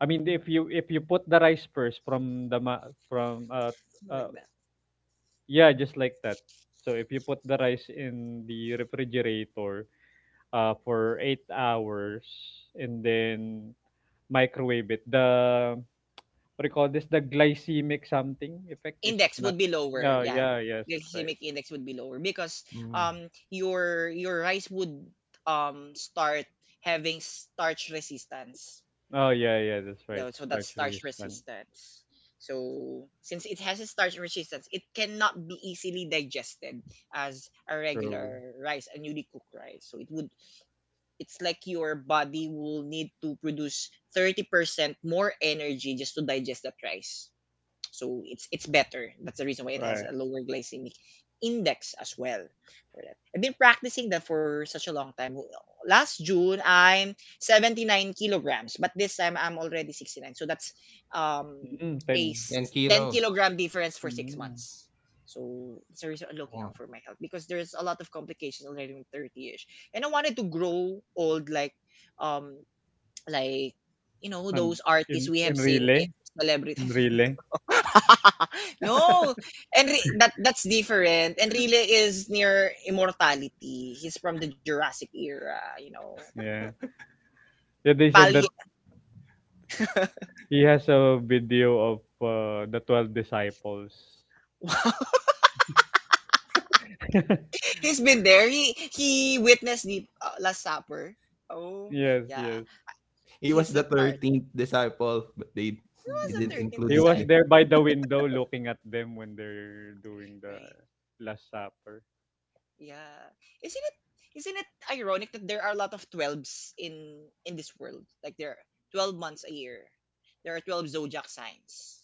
S3: I mean if you if you put the rice first from the ma- from uh,
S1: something
S3: uh
S1: like that.
S3: yeah, just like that. So if you put the rice in the refrigerator uh for eight hours and then microwave it, the what do you call this? The glycemic something effect is
S1: Index would
S3: not.
S1: be lower.
S3: Yeah,
S1: Yeah,
S3: yeah, yes, that's right.
S1: glycemic index would be lower because
S2: Mm,
S1: um your your rice would um start having starch resistance.
S3: Oh yeah, yeah, that's right.
S1: No, so that's
S3: Starchery
S1: starch
S3: is done.
S1: resistance. So since it has a starch resistance, it cannot be easily digested as a
S3: True.
S1: regular rice, a newly cooked rice. So it would it's like your body will need to produce thirty percent more energy just to digest that rice. So it's it's better. That's the reason why it has
S3: Right.
S1: a lower glycemic index as well. For that. I've been practicing that for such a long time. Last June I'm seventy-nine kilograms, but this time I'm already sixty-nine. So that's um
S3: Mm,
S1: a
S3: ten.
S1: s-
S2: ten
S1: ten
S2: kilos.
S1: kilogram difference for six
S3: Mm.
S1: months. So it's a reason I'm looking out
S2: Oh.
S1: for my health because there's a lot of complications already when thirty-ish, and I wanted to grow old like um like you know
S3: And
S1: those artists
S3: in
S1: we have
S3: in
S1: seen in
S3: relay,
S1: celebrity.
S3: in relay.
S1: No. And re- that that's different. Enrile is near immortality. He's from the Jurassic era, you know.
S3: Yeah. Yeah, they said that
S1: Pali.
S3: he has a video of uh, the twelve disciples.
S1: Wow. He's been there. He he witnessed the uh, Last Supper. Oh,
S3: Yes,
S1: yeah.
S3: yes.
S2: He was
S1: He's
S2: the
S1: that part.
S2: thirteenth disciple, but they,
S1: He
S2: they
S1: was the
S2: didn't
S3: Mm.
S1: thirteenth
S2: include
S3: He
S2: his
S3: was
S2: name.
S1: disciple,
S3: there by the window looking at them when they're doing the
S1: right?
S3: Last Supper.
S1: Yeah. Isn't it isn't it ironic that there are a lot of twelves in in this world? Like there are twelve months a year. There are twelve zodiac signs.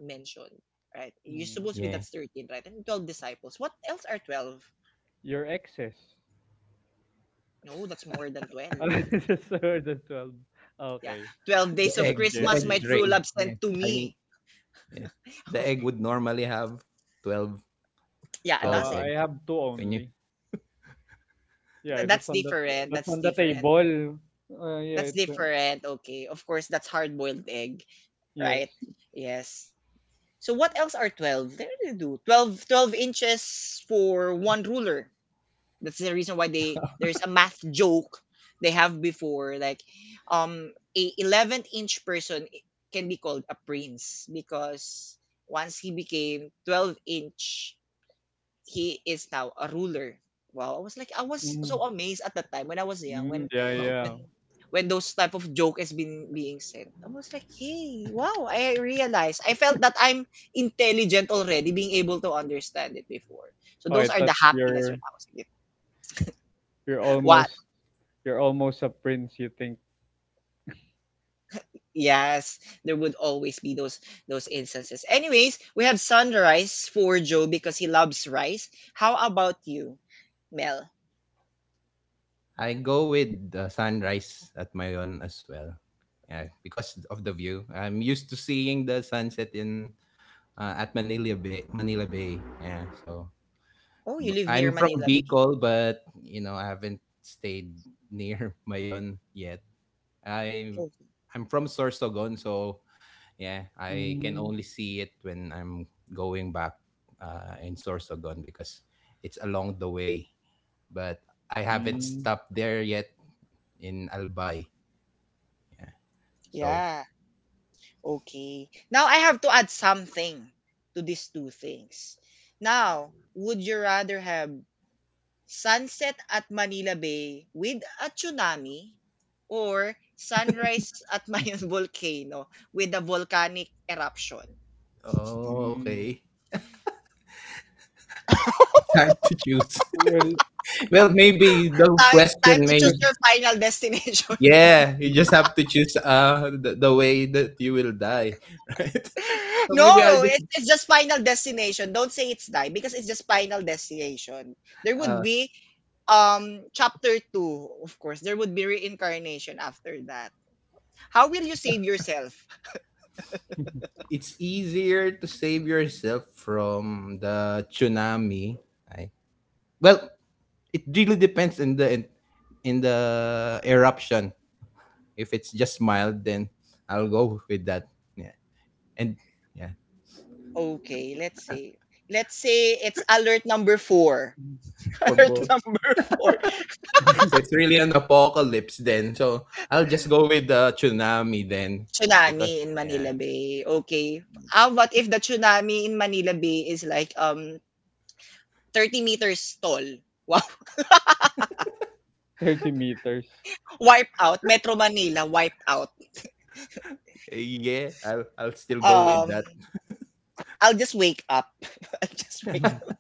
S1: Mentioned, right? You're
S3: Mm.
S1: supposed to be
S2: Yeah.
S1: that's thirteen, right? And twelve disciples. What else are twelve?
S3: Your exes.
S1: No, that's more than twelve.
S3: So the twelve.
S1: Yeah.
S3: Okay.
S1: twelve
S2: The
S1: days of
S2: egg,
S3: Just
S2: the
S1: Christmas,
S2: egg
S1: my
S3: guessing.
S2: tray.
S1: true love sent
S2: Yeah.
S1: to
S2: I mean,
S1: me.
S2: yeah. The egg would normally have twelve,
S1: Yeah,
S3: Oh,
S2: twelve
S1: that's
S3: I
S1: it.
S2: eggs.
S3: have two
S2: When you
S3: only.
S1: Th-
S3: Yeah, that's
S1: That's
S3: on the
S1: different.
S3: that's
S1: That's
S3: on the
S1: different.
S3: table. Uh, yeah,
S1: That's
S3: it's uh,
S1: different. Okay. Of course, that's hard boiled egg,
S3: yes.
S1: right? Yes. So what else are twelve? There they really do. twelve twelve inches for one ruler. That's the reason why they there's a math joke they have before like um a eleven inch person i- can be called a prince because once he became twelve inch he is now a ruler. Wow, I was like I was
S3: Mhm.
S1: so amazed at the time when I was young
S3: Mm,
S1: when
S3: yeah,
S2: Oh,
S1: when
S3: yeah.
S1: when those type of joke has been being said. I was like, hey, wow, I realized. I felt that I'm intelligent already, being able to understand it before. So
S3: Oh, I
S1: those are
S3: thought
S1: the happiness
S3: you're
S1: when I was a kid.
S3: you're almost
S1: What?
S3: you're almost a prince, you think.
S1: Yes, there would always be those those instances. Anyways, we have sunrise for Joe because he loves rice. How about you, Mel?
S2: I go with the sunrise at Mayon as well. Yeah, because of the view. I'm used to seeing the sunset in uh, at Manila Bay, Manila Bay. Yeah, so
S1: Oh, you
S2: m-
S1: live
S2: I'm
S1: near
S2: from
S1: Manila Bay.
S2: Bicol, but you know, I haven't stayed near Mayon yet. I
S1: Oh,
S2: I'm from Sorsogon, so yeah, I can
S3: Mm,
S2: only see it when I'm going back uh, in Sorsogon because it's along the way. But I haven't
S3: mm,
S2: stopped there yet in Albay. Yeah. So,
S1: yeah. Okay. Now I have to add something to these two things. Now, would you rather have sunset at Manila Bay with a tsunami or sunrise at Mayon Volcano with a volcanic eruption?
S2: oh,
S3: mm.
S2: okay. It's hard to choose.
S3: Well,
S2: well, maybe the
S1: time time
S2: question
S1: to
S2: may,
S1: choose
S3: just
S1: your final destination.
S2: Yeah, you just
S3: mm,
S2: have to choose uh, the, the way that you will die, right? So maybe I'll
S1: No,
S2: just,
S1: it's it's just final destination. Don't say it's die because it's just final destination. There would
S2: uh,
S1: be um chapter two, of course. There would be reincarnation after that. How will you save yourself?
S2: it's easier to save yourself from the tsunami. I Well, it really depends in the in, in the eruption. If it's just mild, then I'll go with that. Yeah, and yeah,
S1: Okay, let's say let's say it's alert number four.
S3: mm,
S2: for
S1: Alert
S2: both.
S1: number four.
S2: So it's really an apocalypse then. So I'll just go with the tsunami then because
S1: Tsunami in
S2: yeah,
S1: Manila Bay. Okay. How about if the tsunami in Manila Bay is like um thirty meters tall? Wow.
S3: meters.
S1: Wipe out, Metro Manila, wipe out.
S2: yeah, I'll I'll still go with
S1: Um,
S2: that.
S1: I'll just wake up. I'll just wake up.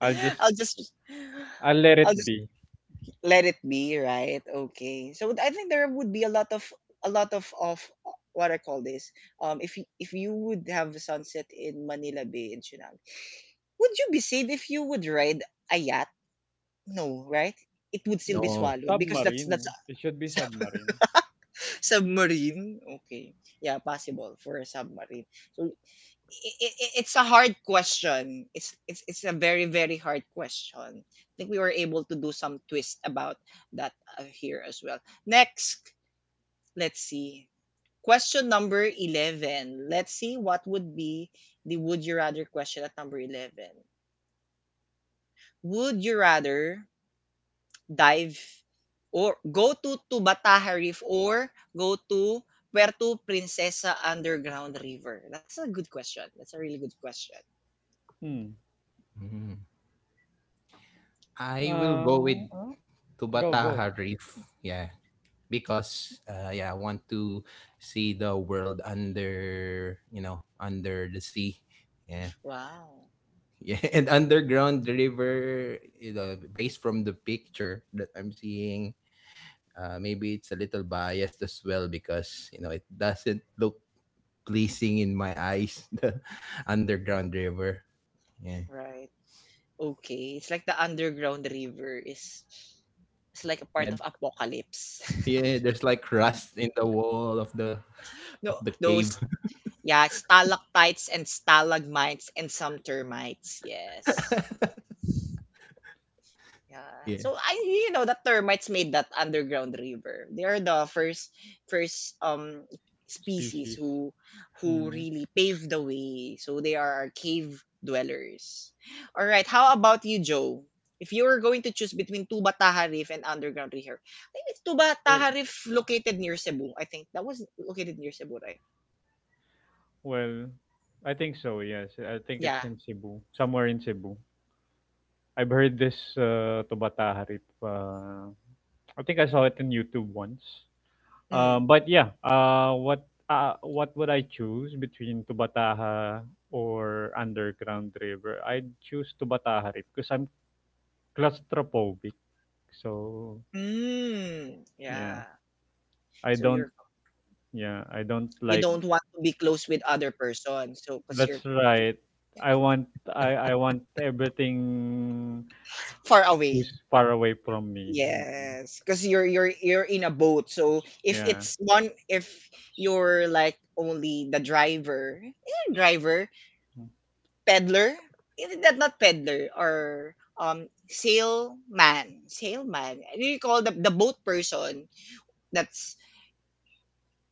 S3: I'll
S1: I'll
S3: just
S1: just
S3: I'll let
S1: I'll
S3: it
S1: just
S3: be.
S1: let it be, right? Okay. So I think there would be a lot of a lot of of what I call this. Um, if you, if you would have a sunset in Manila Bay in Chinang, would you be safe if you would ride a yacht? No, right? It would still be
S3: Mm,
S2: No,
S1: swallowed because that's that's
S3: submarine.
S1: a
S3: It should be
S1: sub-
S3: submarine.
S1: submarine. Okay, yeah, possible for a submarine. So it, it, it's a hard question. It's, it's it's a very very hard question. I think we were able to do some twist about that uh, here as well. Next, let's see. Question number eleven. Let's see what would be the would you rather question at number eleven. Would you rather dive or go to Tubataha Reef or go to Puerto Princesa Underground River? That's a good question. That's a really good question.
S3: Hmm.
S2: mm. I will
S3: Uh,
S2: go with
S3: uh, Go, go.
S2: Tubataha Reef. Yeah, because uh, yeah, I want to see the world under you know under the sea. Yeah,
S1: Wow.
S2: yeah, and underground river. You know, based from the picture that I'm seeing, uh, maybe it's a little biased as well because you know it doesn't look pleasing in my eyes. The underground river. Yeah,
S1: Right. Okay, it's like the underground river is it's like a part
S2: yeah,
S1: of apocalypse.
S2: yeah. There's like rust
S3: Mm,
S2: in the wall of the of
S1: No,
S2: the cave.
S1: those yeah, stalactites and stalagmites and some termites. Yes. Yeah.
S2: Yeah.
S1: So I you know the termites made that underground river. They are the first first um species
S3: species.
S1: who who
S3: Mm.
S1: really paved the way. So they are our cave dwellers. All right, how about you, Joe? If you were going to choose between Tuba Taha Reef and Underground River, I think it's Tuba
S3: Well,
S1: Taha Reef located near Cebu. I think that was located near Cebu, right?
S3: well, I think so. Yes, I think
S1: Yeah.
S3: it's in Cebu, somewhere in Cebu. I've heard this uh, Tubata Harip. Uh, I think I saw it on YouTube once.
S1: Mm.
S3: Um, but yeah, uh, what uh, what would I choose between Tubataha or Underground River? I'd choose Tubataha Harip because I'm claustrophobic. So
S1: Mm.
S3: yeah,
S1: Yeah.
S3: I
S1: So
S3: don't.
S1: you're
S3: Yeah, I don't
S1: you
S3: like.
S1: don't want to be close with other person. So because you're
S3: That's right. I want. I I want everything
S1: far away.
S3: who's far away from me.
S1: Yes, because you're you're you're in a boat. So if
S3: Yeah.
S1: it's one, if you're like only the driver, eh, driver, peddler, eh, that not peddler or um sailman, sailman. What do You call the the boat person. That's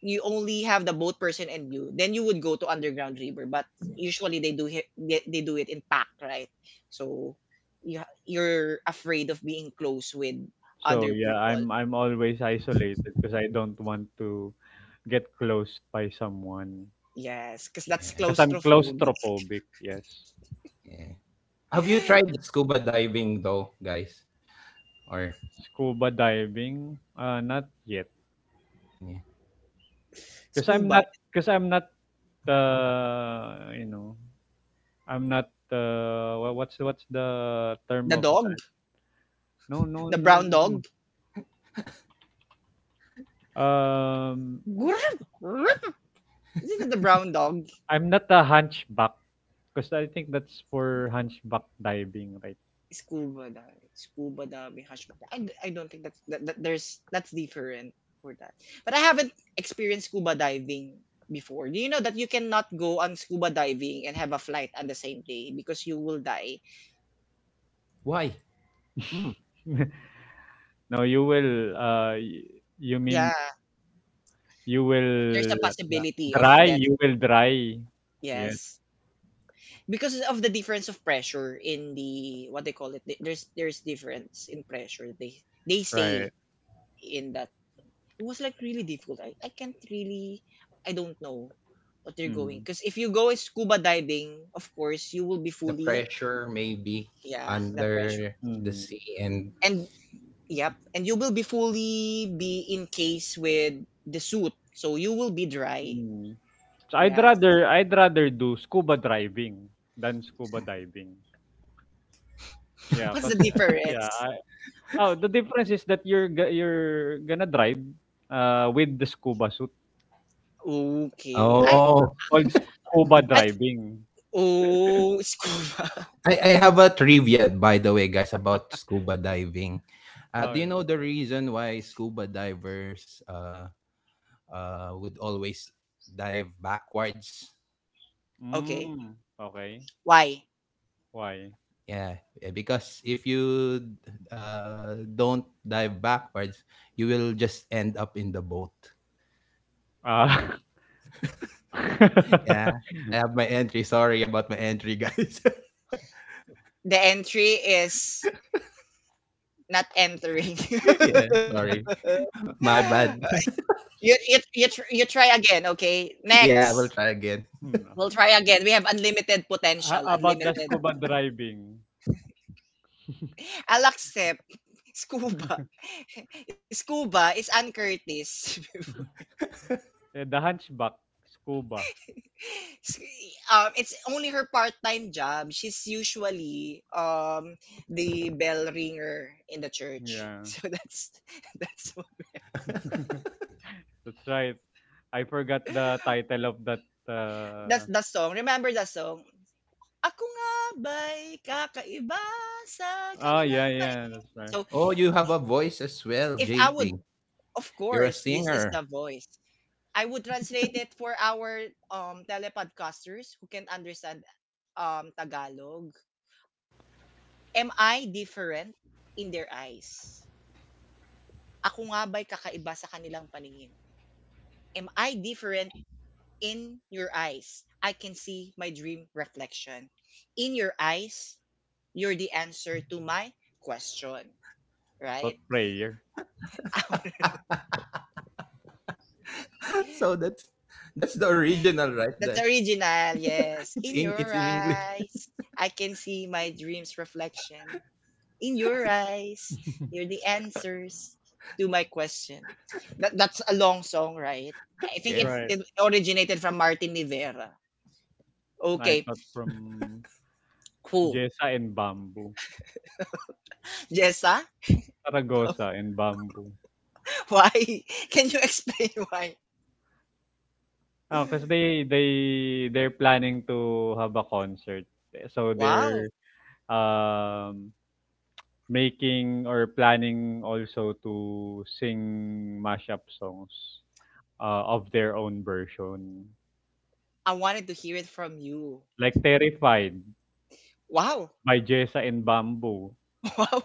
S1: you only have the boat person and you. Then you would go to underground river. But usually they do it. They, they do it in pack, right? So you ha- you're afraid of being close with
S3: So
S1: other
S3: yeah,
S1: people.
S3: I'm I'm always isolated because I don't want to get close by someone.
S1: Yes, because that's
S2: Yeah.
S3: Because I'm
S1: claustrophobic.
S3: claustrophobic. Yes.
S2: Yeah. Have you
S1: Yeah.
S2: tried scuba diving though, guys? Or
S3: Scuba diving, uh, not yet.
S2: yeah.
S3: Because I'm
S1: Scuba,
S3: not. Because I'm not. Uh, you know, I'm not. Uh, wha- what's what's the term
S1: the
S3: of that?
S1: dog,
S3: No, no,
S1: the
S3: no,
S1: brown
S3: no.
S1: dog.
S3: Um,
S1: Grrrp, grrrp. Isn't it the brown dog?
S3: I'm not a hunchback because I think that's for hunchback diving, right?
S1: Scuba diving, scuba diving, hush. I, d- I don't think that's that, that there's that's different for that. But I haven't experienced scuba diving before. Do you know that you cannot go on scuba diving and have a flight on the same day because you will die?
S2: Why? Hmm.
S3: No, you will uh y- you mean
S1: Yeah,
S3: you
S1: there's a
S3: will uh,
S1: possibility of
S3: dry,
S1: death.
S3: you will dry. Yes,
S1: Yes. Because of the difference of pressure in the what they call it the- there's there's difference in pressure they they say
S3: right.
S1: in that it was like really difficult i, I can't really i don't know what they are going
S3: Mm.
S1: because if you go scuba diving of course you will be
S2: The
S1: fully
S2: pressure maybe
S1: yeah the pressure
S2: under the
S3: Mm.
S2: sea and
S1: and yep and you will be fully be in case with the suit so you will be dry
S3: Mm. So I'd
S1: yes.
S3: rather I'd rather do scuba driving than scuba diving. Yeah,
S1: What's the
S3: cause uh, yeah,
S1: difference?
S3: I, oh, the difference is that you're go- you're gonna drive uh with the scuba suit.
S1: Okay. I
S3: Yes, that's
S2: oh,
S3: called scuba
S1: I
S3: driving.
S1: Oh. Scuba.
S2: I I have a trivia by the way, guys, about scuba diving. Uh,
S3: Oh,
S2: do
S3: yeah.
S2: you know the reason why scuba divers uh uh would always dive backwards?
S1: Okay.
S3: Hmm, okay.
S1: Why?
S3: Why?
S2: Yeah, yeah, because if you uh don't dive backwards, you will just end up in the boat.
S3: Ah.
S2: Yeah. Yeah, I have my entry. Sorry about my entry, guys.
S1: The entry is not entering.
S2: Yeah, sorry. My bad.
S1: you, you, you, tr- you try again, okay?
S2: Yeah, I
S1: Next.
S2: will try again.
S3: Hmm, no.
S1: We'll try again. We have unlimited
S3: How
S1: potential,
S3: about the
S1: unlimited.
S3: scuba driving?
S1: I'll accept scuba. Scuba is Ann Curtis.
S3: Eh, the Hunchback, scuba.
S1: S- um, it's only her part-time job. She's usually um the bell ringer in the church.
S3: Yeah.
S1: So that's that's
S3: That's right. I forgot the title of that,
S1: that's
S3: uh
S1: the song. Remember the song? Ako nga ba'y kakaiba sa
S3: oh, yeah,
S1: kanilang
S3: yeah,
S1: paningin?
S3: that's right.
S1: So,
S2: Oh, you have a voice as well,
S1: if I would
S2: J P.
S1: of
S2: You're a
S1: course, this is the
S2: singer.
S1: voice. I would translate it for our um telepodcasters who can't understand um Tagalog. Am I different in their eyes? Ako nga ba'y kakaiba sa kanilang paningin? Am I different in your eyes? I can see my dream reflection. In your eyes, you're the answer to my question, right?
S3: Thought Prayer.
S2: So that's that's the original, right?
S1: That's the
S2: That
S1: original, yes.
S2: it's
S1: In
S2: in it's
S1: your
S2: in English.
S1: eyes, I can see my dreams reflection. In your eyes, you're the answers to my question. That, that's a long song, right? I think
S2: Yeah.
S1: it,
S3: Right.
S1: it originated from Martin Rivera.
S3: I
S1: Okay,
S3: thought from
S1: cool.
S3: Jessa and Bamboo.
S1: Jessa,
S3: Saragossa and Bamboo.
S1: why? Can you explain why?
S3: Oh, because they they they're planning to have a concert. So they're
S1: Wow,
S3: um, making or planning also to sing mashup songs uh, of their own version.
S1: I wanted to hear it from you.
S3: Like Terrified
S1: Wow,
S3: by Jessa and Bamboo,
S1: wow.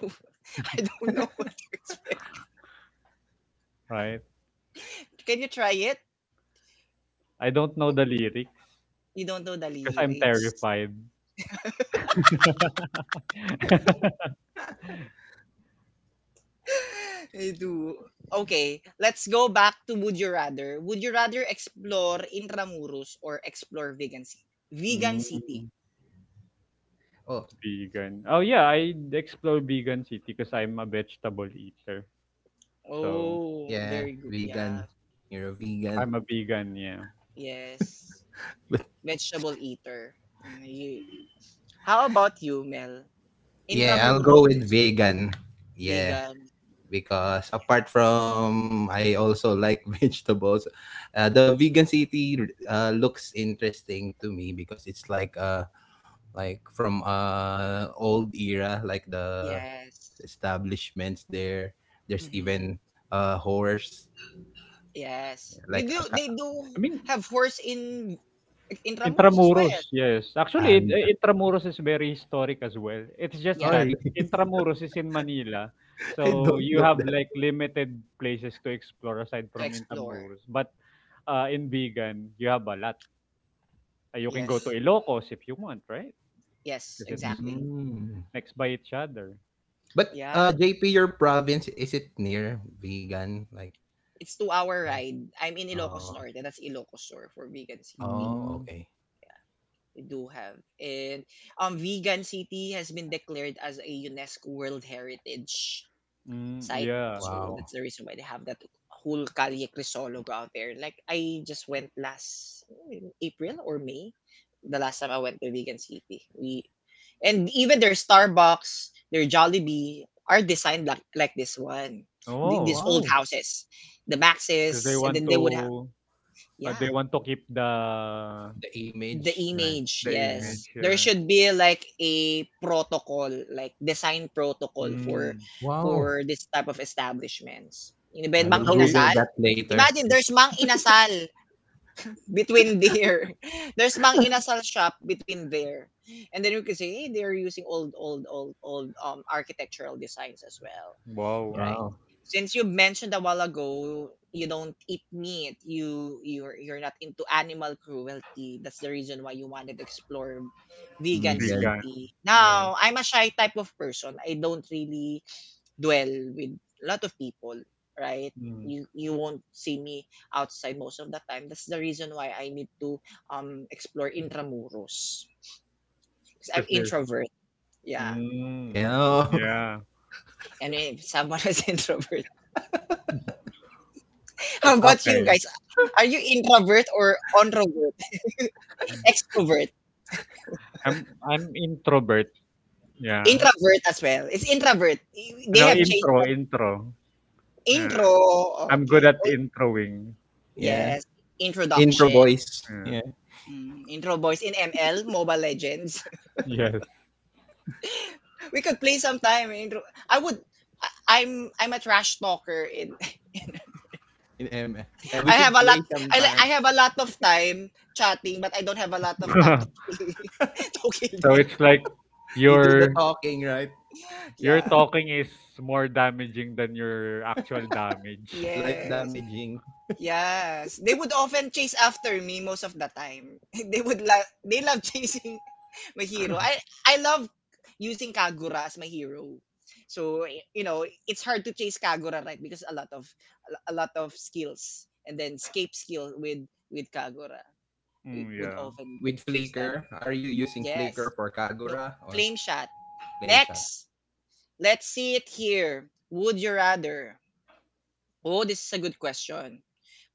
S1: I don't know what to expect.
S3: right?
S1: Can you try it?
S3: I don't know the lyrics
S1: You don't know the
S3: because I'm
S1: lyrics.
S3: terrified.
S1: I do. Okay, let's go back to Would You Rather. Would you rather explore Intramuros or explore Vegan City? Vegan City.
S3: Mm,
S2: Oh,
S3: vegan. Oh yeah, I explore vegan city because I'm a vegetable eater. So
S1: Oh,
S2: yeah,
S1: very good. Yeah,
S2: vegan. You're a vegan.
S3: I'm a vegan, yeah.
S1: yes.
S2: But
S1: Vegetable eater. Mm, ye- How about you, Mel?
S2: yeah, I'll go
S1: Intramuros,
S2: with vegan. Yeah,
S1: vegan.
S2: because apart from I also like vegetables, uh, the vegan city uh, looks interesting to me because it's like uh like from uh old era, like the
S1: Yes.
S2: establishments there. There's
S1: Hmm.
S2: even a horse,
S1: Yes. They
S2: like a
S1: do,
S2: ca-
S1: they do
S3: I mean,
S1: have horse in Intramuros as well.
S3: Intramuros, yes. Actually, in
S2: and
S3: Intramuros is very historic as well. It's just
S2: oh
S1: Yeah,
S3: that
S2: really?
S3: Intramuros is in Manila,
S2: I
S3: so
S2: don't
S3: you
S2: know
S3: have
S2: that.
S3: like limited places to explore aside
S1: to
S3: from
S1: explore.
S3: Intramuros. But uh, in Bigan, you have a lot. Uh, You can go
S1: Yes.
S3: to Ilocos if you want, right?
S1: Yes,
S3: Because it's
S1: exactly.
S2: Mm.
S3: next by each other.
S2: But
S1: Yeah.
S2: uh J P, your province is it near vegan like?
S1: It's two hour
S2: or-
S1: ride. I'm in Ilocos
S2: Oh,
S1: Norte. That's Ilocos Sur for Vegan City.
S2: oh,
S3: Mm,
S2: okay.
S1: We do have. And um Vegan City has been declared as a UNESCO World Heritage
S3: mm,
S1: site.
S3: yeah.
S1: So
S2: Wow.
S1: that's the reason why they have that whole Calle Crisologo out there. Like I just went last mm, April or May, the last time I went to Vegan City. We and even their Starbucks, their Jollibee are designed like like this one, Th- these
S3: Oh,
S1: old
S2: Wow.
S1: houses, the
S3: because
S1: Maxes,
S3: they
S1: and then
S3: want
S1: they would have
S3: to
S1: yeah,
S3: uh, they want to keep the
S2: The
S1: the
S2: image, right?
S1: image,
S3: the
S2: Yeah.
S1: yes.
S3: image.
S1: There
S3: Yeah.
S1: should be like a protocol, like design protocol for
S3: Mm.
S2: Wow.
S1: for this type of establishments. Yun ba,
S2: I
S1: yun,
S2: will
S1: Mang
S3: So, I-
S2: Google
S1: Inasal?
S2: that later.
S1: Imagine
S2: Like,
S1: there's Mang Inasal between there. There's Mang Inasal shop between there. And then you can say, hey, they're using old old old old um architectural designs as well.
S3: wow.
S1: Right.
S2: wow.
S1: Since you mentioned a while ago, you don't eat meat. You you're you're not into animal cruelty. That's the reason why you wanted to explore vegan
S2: Vegan.
S3: Vegan,
S1: city. Now,
S3: yeah.
S1: I'm a shy type of person. I don't really dwell with a lot of people, right?
S3: Mm.
S1: You you won't see me outside most of the time. That's the reason why I need to um explore intramuros. 'Cause I'm
S3: 'Cause there's
S1: introvert. Yeah.
S3: Mm.
S2: Yeah.
S3: Yeah.
S1: And if someone was introvert, how about you
S3: Okay.
S1: guys? Are you introvert or introvert?
S3: Mm.
S1: Extrovert.
S3: I'm I'm introvert. Yeah.
S1: Introvert as well. It's introvert. Y- They
S3: No,
S1: have changed
S3: intro,
S1: that.
S3: intro. Yeah.
S1: Intro.
S3: I'm good
S1: Okay.
S3: at
S1: Oh,
S3: introing.
S2: Yeah.
S1: yes.
S2: Intro
S1: Introduction.
S2: boys,
S3: Yeah.
S2: yeah.
S1: Mm, intro boys in M L, Mobile Legends.
S3: Yes.
S1: We could play sometime. Intro. I would. I- I'm I'm a trash talker. In,
S2: In M. Yeah, we
S1: I have
S2: should
S1: a
S2: play
S1: lot. I li-
S2: sometime.
S1: I have a lot of time chatting, but I don't have a lot of time to kill, to kill
S3: So it's
S1: them.
S3: like
S2: You do the
S3: your
S2: talking, right?
S3: your
S1: Yeah.
S3: talking is more damaging than your actual damage.
S2: Life
S1: Yes.
S2: damaging.
S1: Yes, they would often chase after me most of the time. They would love they love chasing my hero. I I love using Kagura as my hero. So y- you know it's hard to chase Kagura right because a lot of a lot of skills and then escape skill with with Kagura we
S3: Mm,
S1: would
S3: yeah.
S1: often
S2: With
S1: choose that.
S2: Flickr. Are you using Flickr
S1: Yes,
S2: for
S1: no
S2: Kagura or
S1: flame shot.
S2: Flameshot?
S1: Next, let's see it here. Would you rather? Oh, this is a good question.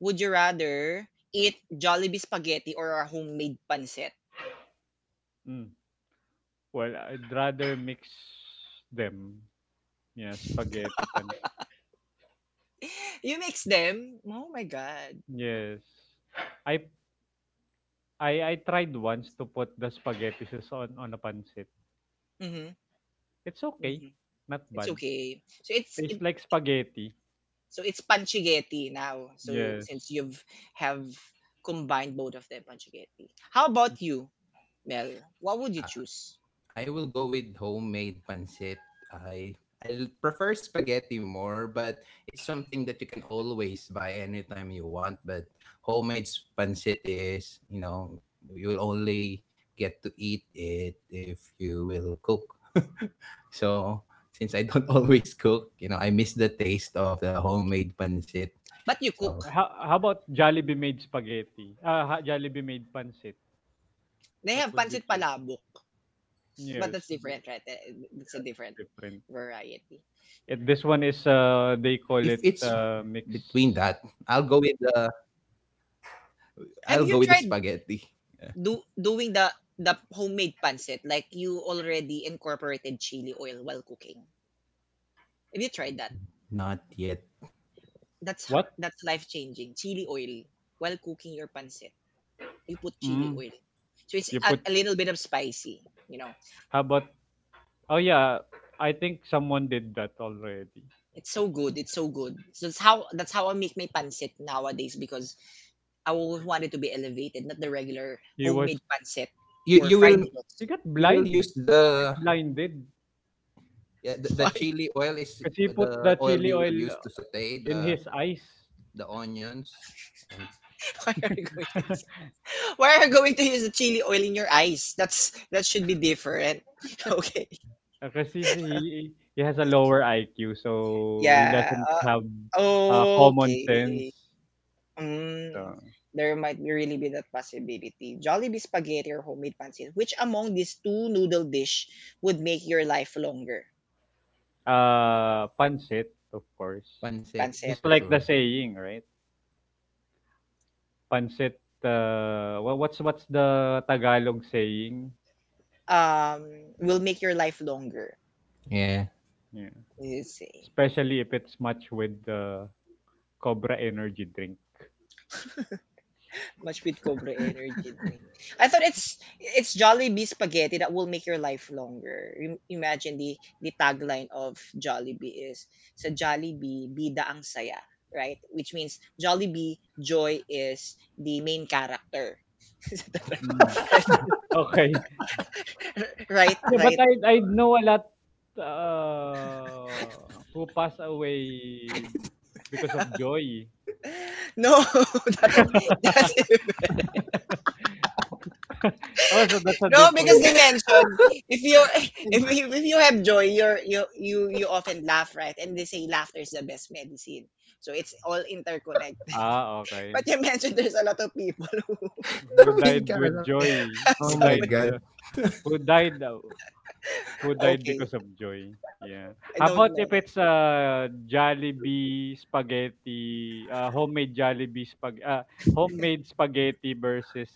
S1: Would you rather eat Jollibee spaghetti or a homemade pancit?
S3: Mm. Well, I'd rather mix them. Yeah, spaghetti pan.
S1: You mix them. Oh my god.
S3: Yes. I I I tried once to put the spaghetti sauce on on a pancit.
S1: Mhm.
S3: It's okay,
S1: Mhm.
S3: not
S1: It's
S3: bad.
S1: okay. So it's
S3: Tastes
S1: it
S3: like spaghetti.
S1: so it's pancighetti now. So
S3: Yes.
S1: since you've have combined both of them pancighetti. How about you, Mel? What would you
S2: Ah,
S1: choose?
S2: I will go with homemade pancit. I I l- prefer spaghetti more, but it's something that you can always buy anytime you want. But homemade s- pancit is, you know, you'll only get to eat it if you will cook. So since I don't always cook, you know, I miss the taste of the homemade pancit.
S1: But you
S2: So
S1: cook.
S3: How how about Jollibee made spaghetti? Uh, ha- Jollibee made pancit.
S1: They
S3: What
S1: have
S3: would you
S1: pancit
S3: choose?
S1: palabok, but
S3: Yes,
S1: that's
S3: th-
S1: different, right? Eh, that's a
S3: that's
S1: different
S3: different.
S2: if it's
S1: variety.
S3: It, this
S2: between
S3: one
S2: that,
S3: is
S2: I'll
S3: uh
S2: go
S3: they
S2: with
S3: call it
S2: the
S3: uh mixed.
S2: I'll go with the spaghetti.
S1: Have
S2: Yeah.
S1: you tried do doing the the homemade pancit, like you already incorporated chili oil while cooking. Have you tried that?
S2: Not yet.
S1: That's ho-
S3: What?
S1: that's life changing. Chili oil while cooking your pancit, you put chili
S3: Mm,
S1: oil, so it's
S3: you
S1: a,
S3: put
S1: a little bit of spicy. You know,
S3: how about? Oh yeah, I think someone did that already.
S1: it's so good. It's so good. So that's how that's how I make my pancit nowadays because I always wanted to be elevated, not the regular
S3: He
S1: homemade
S3: was
S1: pancit
S2: you
S1: or
S2: you
S1: fried
S2: will
S1: noodles.
S3: he got
S2: you will
S3: blind,
S2: use
S3: he got
S2: the
S3: blinded.
S2: yeah, the, the
S1: Why,
S2: chili oil is
S3: Because he put
S2: the
S3: the
S2: oil
S3: chili
S2: you will use
S3: oil
S2: to saute
S3: in
S2: the
S3: his eyes.
S2: the onions and
S1: why are you going to why are you going to use the chili oil in your eyes? That's that should be different. Okay.
S3: Kasi si- he, he has a lower I Q, so he
S1: Yeah.
S3: doesn't
S1: Uh,
S3: have uh, common sense.
S1: okay. Mm,
S3: So,
S1: there might be really be that possibility. Jollibee spaghetti or homemade pancit. Which among these two noodle dish would make your life longer?
S3: uh, pancit, of course.
S2: pancit for
S1: Pancit.
S3: Just like
S2: sure.
S3: the saying, right? Pancit, uh, wha- what's what's the Tagalog saying?
S1: Um, will make your life longer.
S2: Yeah.
S3: Yeah.
S1: You say.
S3: Especially if it's much with the Cobra energy drink.
S1: Much with Cobra energy drink. I thought it's it's Jollibee spaghetti that will make your life longer. Im- Imagine the the tagline of Jollibee is sa Jollibee bida ang saya, right? Which means Jollibee joy is the main character. Is that
S3: Mm.
S1: right?
S3: Okay.
S1: right?
S3: Yeah, but
S1: Right?
S3: I I know a lot, uh, who passed away because of joy.
S1: No, that's that is
S3: Oh, so that's a
S1: no, because
S3: different
S1: they mentioned if you if, you- if you have joy, you're you you you often laugh, right? And they say laughter is the best medicine. So it's all interconnected.
S3: ah, okay.
S1: But you mentioned there's a lot of people who
S3: Who
S2: The main
S3: died with
S2: character.
S3: joy, who
S2: Oh
S1: so,
S2: my
S3: died
S2: god.
S3: who died, uh who died
S1: okay,
S3: because of joy. Yeah.
S1: I
S3: How
S1: don't
S3: about if
S1: know.
S3: it's a Jollibee spaghetti, uh, homemade Jollibee spag uh, homemade spaghetti versus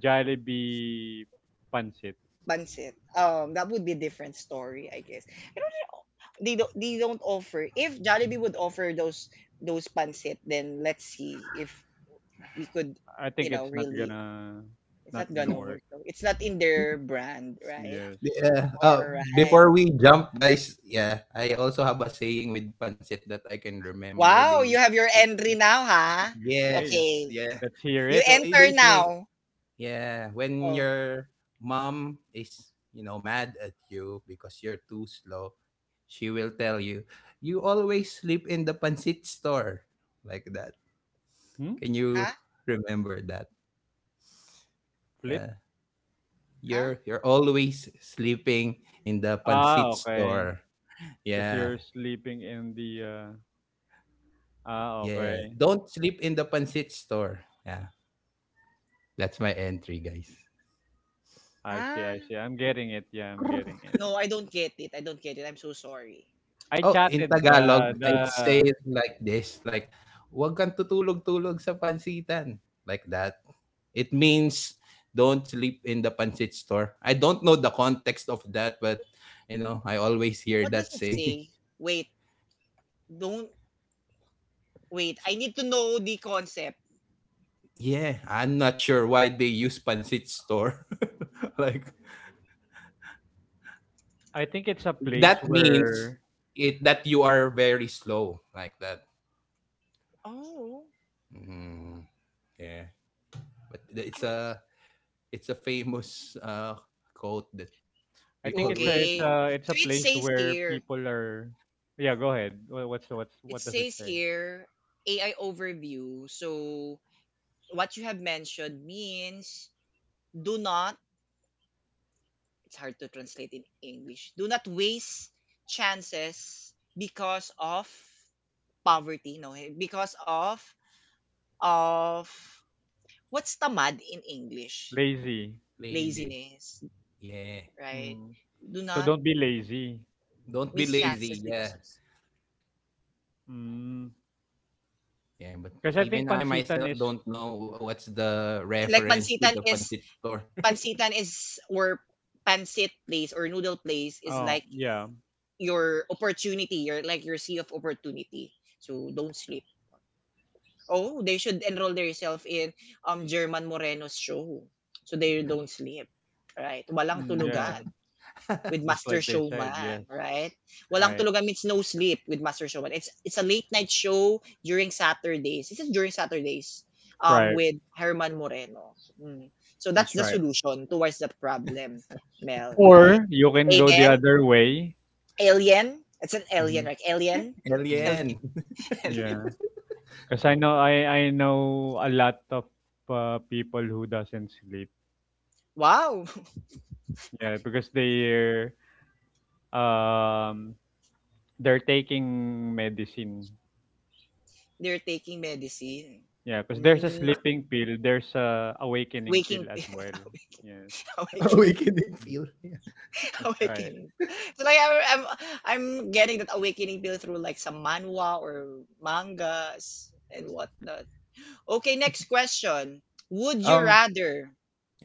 S3: Jollibee pancit?
S1: Pancit. Um, that would be a different story, I guess. I don't know. They don't they don't offer. If Jollibee would offer those those pancit, then let's see if we could,
S3: I
S1: you
S3: think
S1: know,
S3: it's not
S1: really.
S3: gonna
S1: It's
S3: not
S1: not
S3: gonna
S1: gonna
S3: work.
S1: work though. It's not in their brand, right?
S3: Yes.
S2: Yeah. Oh,
S1: Alright.
S2: before we jump, guys, yeah, I also have a saying with pancit that I can remember.
S1: Wow, you
S2: They
S1: have your
S2: would
S1: entry now, ha?
S3: Mhm. Hey,
S2: Yes,
S1: Okay.
S2: yeah.
S3: let's hear
S1: You
S3: it.
S2: So eh,
S1: enter
S2: they say,
S1: now.
S2: yeah, when
S1: Oh,
S2: your mom is, you know, mad at you because you're too slow, she will tell you, "You always sleep in the pancit store." Like that.
S3: Hmm?
S2: Can you
S1: ha?
S2: remember that?
S3: Flip.
S2: Yeah.
S1: Ha?
S2: You're you're always sleeping in the
S3: Ah,
S2: pancit
S3: okay.
S2: store.
S3: Because you're
S2: Yeah.
S3: sleeping in the uh, ah,
S2: Yeah.
S3: okay.
S2: Don't sleep in the pancit store. Yeah. That's my entry, guys.
S3: I see,
S1: Ha?
S3: I see. I'm getting it. Yeah, I'm getting it.
S1: No, I don't get it. I don't get it. I'm so sorry.
S3: I
S2: Oh, in
S3: chatted
S2: Tagalog,
S3: the
S2: I say
S3: the
S2: it like this, like, "Huwag kang tutulog-tulog sa pansitan," like that. It means don't sleep in the pancit store. I don't know the context of that, but, you know, I always hear
S1: What does
S2: that
S1: it
S2: saying.
S1: say? Wait, don't wait. I need to know the concept.
S2: Yeah, I'm not sure why they use pancit store. Like,
S3: I think it's a place
S2: that means
S3: where
S2: it that you are very slow, like that.
S1: Oh,
S2: Mhm, yeah. But th- it's a it's a famous, uh, quote that
S3: I
S2: we
S3: think it's a it's
S2: always
S1: okay.
S3: a it's
S1: So
S3: a
S1: it
S3: place
S1: says
S3: where
S1: here,
S3: people are yeah go ahead Wha- what's what's
S1: it
S3: what does it
S1: says
S3: say
S1: here A I overview. So what you have mentioned means do not it's hard to translate in English. Do not waste chances because of poverty, no? Eh, because of of what's tamad in English?
S3: lazy
S2: lazy.
S1: Laziness,
S2: Yeah.
S1: right?
S3: mm.
S1: Do
S3: So
S1: not
S3: don't be lazy.
S2: Don't be
S1: miss chances
S2: lazy.
S1: because
S2: Yeah.
S1: of
S3: Mm.
S2: Yeah. But
S3: Because I
S2: even
S3: think
S2: I
S3: pansitan
S2: myself
S3: is
S2: don't know what's the
S1: like
S2: reference to
S1: pansitan
S2: the
S1: is
S2: pancit store.
S1: pansitan is or pancit place or noodle place is like
S3: oh yeah
S1: your opportunity, your like your sea of opportunity. So don't sleep. Oh, they should enroll themselves in um German Moreno's show so they don't sleep. Right? Walang
S3: mm,
S1: tulugan
S3: yeah
S1: with
S3: just
S1: Master
S3: like they said
S1: Showman,
S3: yes
S1: right? Walang
S3: right
S1: tulugan means no sleep with Master Showman. It's it's a late night show during Saturdays. This is during Saturdays um
S3: right
S1: with Herman Moreno. Mm. So that's
S3: that's
S1: the
S3: right
S1: solution towards the problem, Mel, right?
S3: or you can go the
S1: Amen.
S3: other way.
S1: Alien. It's an alien,
S3: Mhm.
S1: right? Alien.
S3: Mm.
S1: alien.
S2: Alien.
S1: Alien.
S3: Yeah. 'Cause I know I I know a lot of, uh, people who doesn't sleep.
S1: Wow.
S3: Yeah, because they're, um, they're taking medicine.
S1: They're taking medicine.
S3: Yeah, 'cause there's a
S1: Mm,
S3: sleeping pill, there's a awakening
S1: waking
S3: pill as well. Yes.
S1: awakening,
S2: Awakening
S3: Mm,
S2: feel. Yeah.
S3: that's right.
S1: awakening. So like I'm, I'm I'm getting that awakening pill through like some manhwa or mangas and whatnot. Okay, next question. Would you
S2: Um.
S1: rather?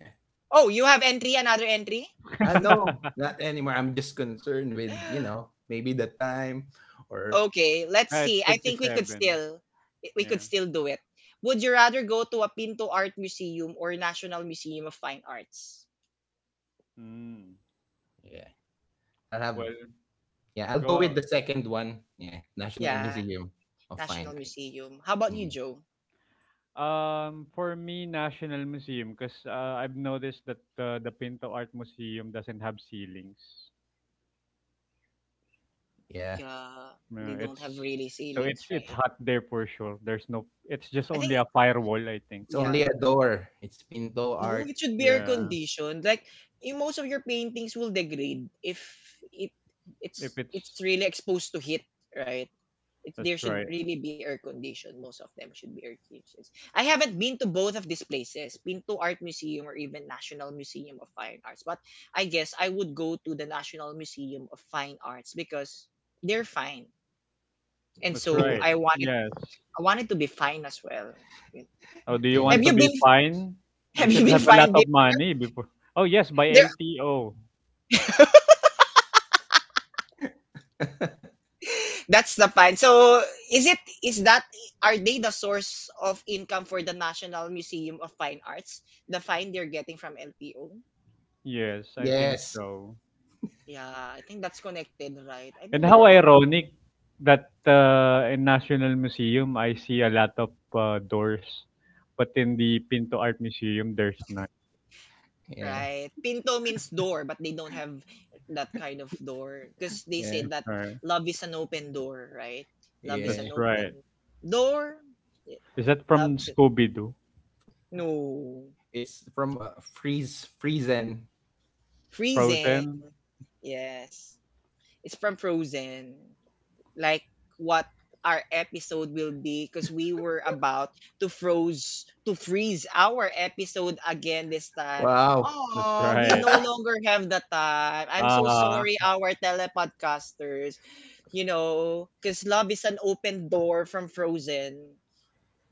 S2: Yeah.
S1: Oh, you have entry another entry.
S2: I no, Not anymore. I'm just concerned with you know maybe the time or
S1: Okay, let's
S3: Ah, it's
S1: see. I
S3: fifty
S1: think we could
S3: seven
S1: still we could
S3: Yeah.
S1: still do it. Would you rather go to a Pinto Art Museum or National Museum of Fine Arts?
S3: Mm.
S2: yeah. I'll have
S3: Well,
S2: Yeah. I'll go
S3: go
S2: with
S3: out
S2: the second one. Yeah. National
S1: Yeah.
S2: Museum of Fine
S1: National
S2: Arts.
S1: Museum. How about you,
S2: Mm,
S1: Joe?
S3: um, for me, National Museum 'cause, uh, I've noticed that the the Pinto Art Museum doesn't have ceilings.
S2: yeah.
S1: Yeah, they
S3: Yeah,
S1: don't have
S3: it's
S1: really
S3: so it's
S1: ceilings,
S3: it's
S1: right?
S3: hot there for sure. There's no it's
S1: I
S3: just
S1: think,
S3: only a firewall, I think.
S2: It's
S1: yeah.
S2: only a door. It's pinto
S1: No,
S2: art.
S1: it should be air
S2: You see.
S3: Yeah.
S1: conditioned. Like, in most of your paintings will degrade if it it's
S3: If it's
S1: it's really exposed to heat, right? It, there
S3: that's
S1: should
S3: right.
S1: really be air conditioned. Most of them should be air conditioned. I haven't been to both of these places, been to Art Museum or even National Museum of Fine Arts. But I guess I would go to the National Museum of Fine Arts because they're fine. And
S3: That's
S1: so
S3: right.
S1: I wanted
S3: Yes.
S1: I wanted to be fine as well.
S3: Oh, do you
S2: Yeah.
S1: Have
S3: want to
S1: you
S3: be
S1: been
S3: fine? You
S1: have you
S3: should
S1: been
S3: have a lot
S1: fine? be-
S3: of money before. Oh, yes, by
S1: There,
S3: L T O.
S1: that's the fine. So is it is that are they the source of income for the National Museum of Fine Arts? The fine they're getting from L T O.
S3: Yes, I think
S2: Yes.
S3: so.
S1: Yeah, I think that's connected, right? I
S3: And
S1: think
S3: how
S1: they're all
S3: ironic that uh, in National Museum I see a lot of uh, doors, but in the Pinto Art Museum there's none.
S2: Yeah.
S1: right. Pinto means door, but they don't have that kind of door because they
S2: Yeah.
S1: say
S3: That's
S1: that
S3: right.
S1: love is an open door, right? Love is
S2: Yeah.
S3: That's
S1: an
S3: right.
S1: open door. Yeah.
S3: Is that from
S1: Love is a-
S3: Scooby Doo?
S2: Fr-
S1: no.
S2: It's from uh, Freeze Friesen.
S1: Frozen.
S3: Frozen.
S1: Yes. It's from Frozen. Like what our episode will be because we were about to froze to freeze our episode again this time.
S2: Wow.
S3: That's
S1: Oh, we
S3: right.
S1: no longer have the time. I'm so
S3: Ah,
S1: sorry our telepodcasters. You know, because love is an open door from Frozen.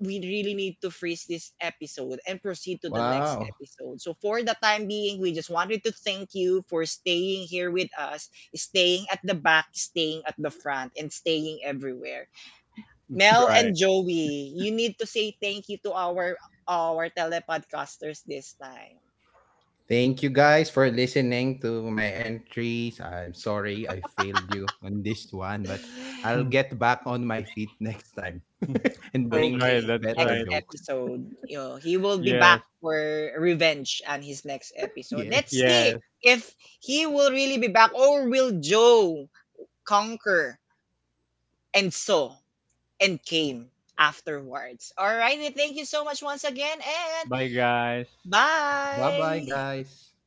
S1: We really need to freeze this episode and proceed to the next
S2: Wow.
S1: episode. So, for the time being, we just wanted to thank you for staying here with us, staying at the back, staying at the front, and staying everywhere.
S3: that's
S1: Mel and
S3: right.
S1: Joey, you need to say thank you to our our telepodcasters this time.
S2: Thank you guys for listening to my entries. I'm sorry I failed you on this one, but I'll get back on my feet next time and
S3: That's
S2: bring
S3: right.
S1: Okay,
S3: That's
S1: next
S2: better
S3: right.
S2: jokes.
S1: episode, you know, he will be back
S3: Yes.
S1: for revenge on his next episode.
S2: Yeah.
S1: Let's see
S3: Yes.
S1: if he will really be back or will Joe conquer, and sow, and came afterwards. Alrighty, thank you so much once again, and
S3: Bye, guys.
S2: Bye-bye
S1: bye!
S2: guys.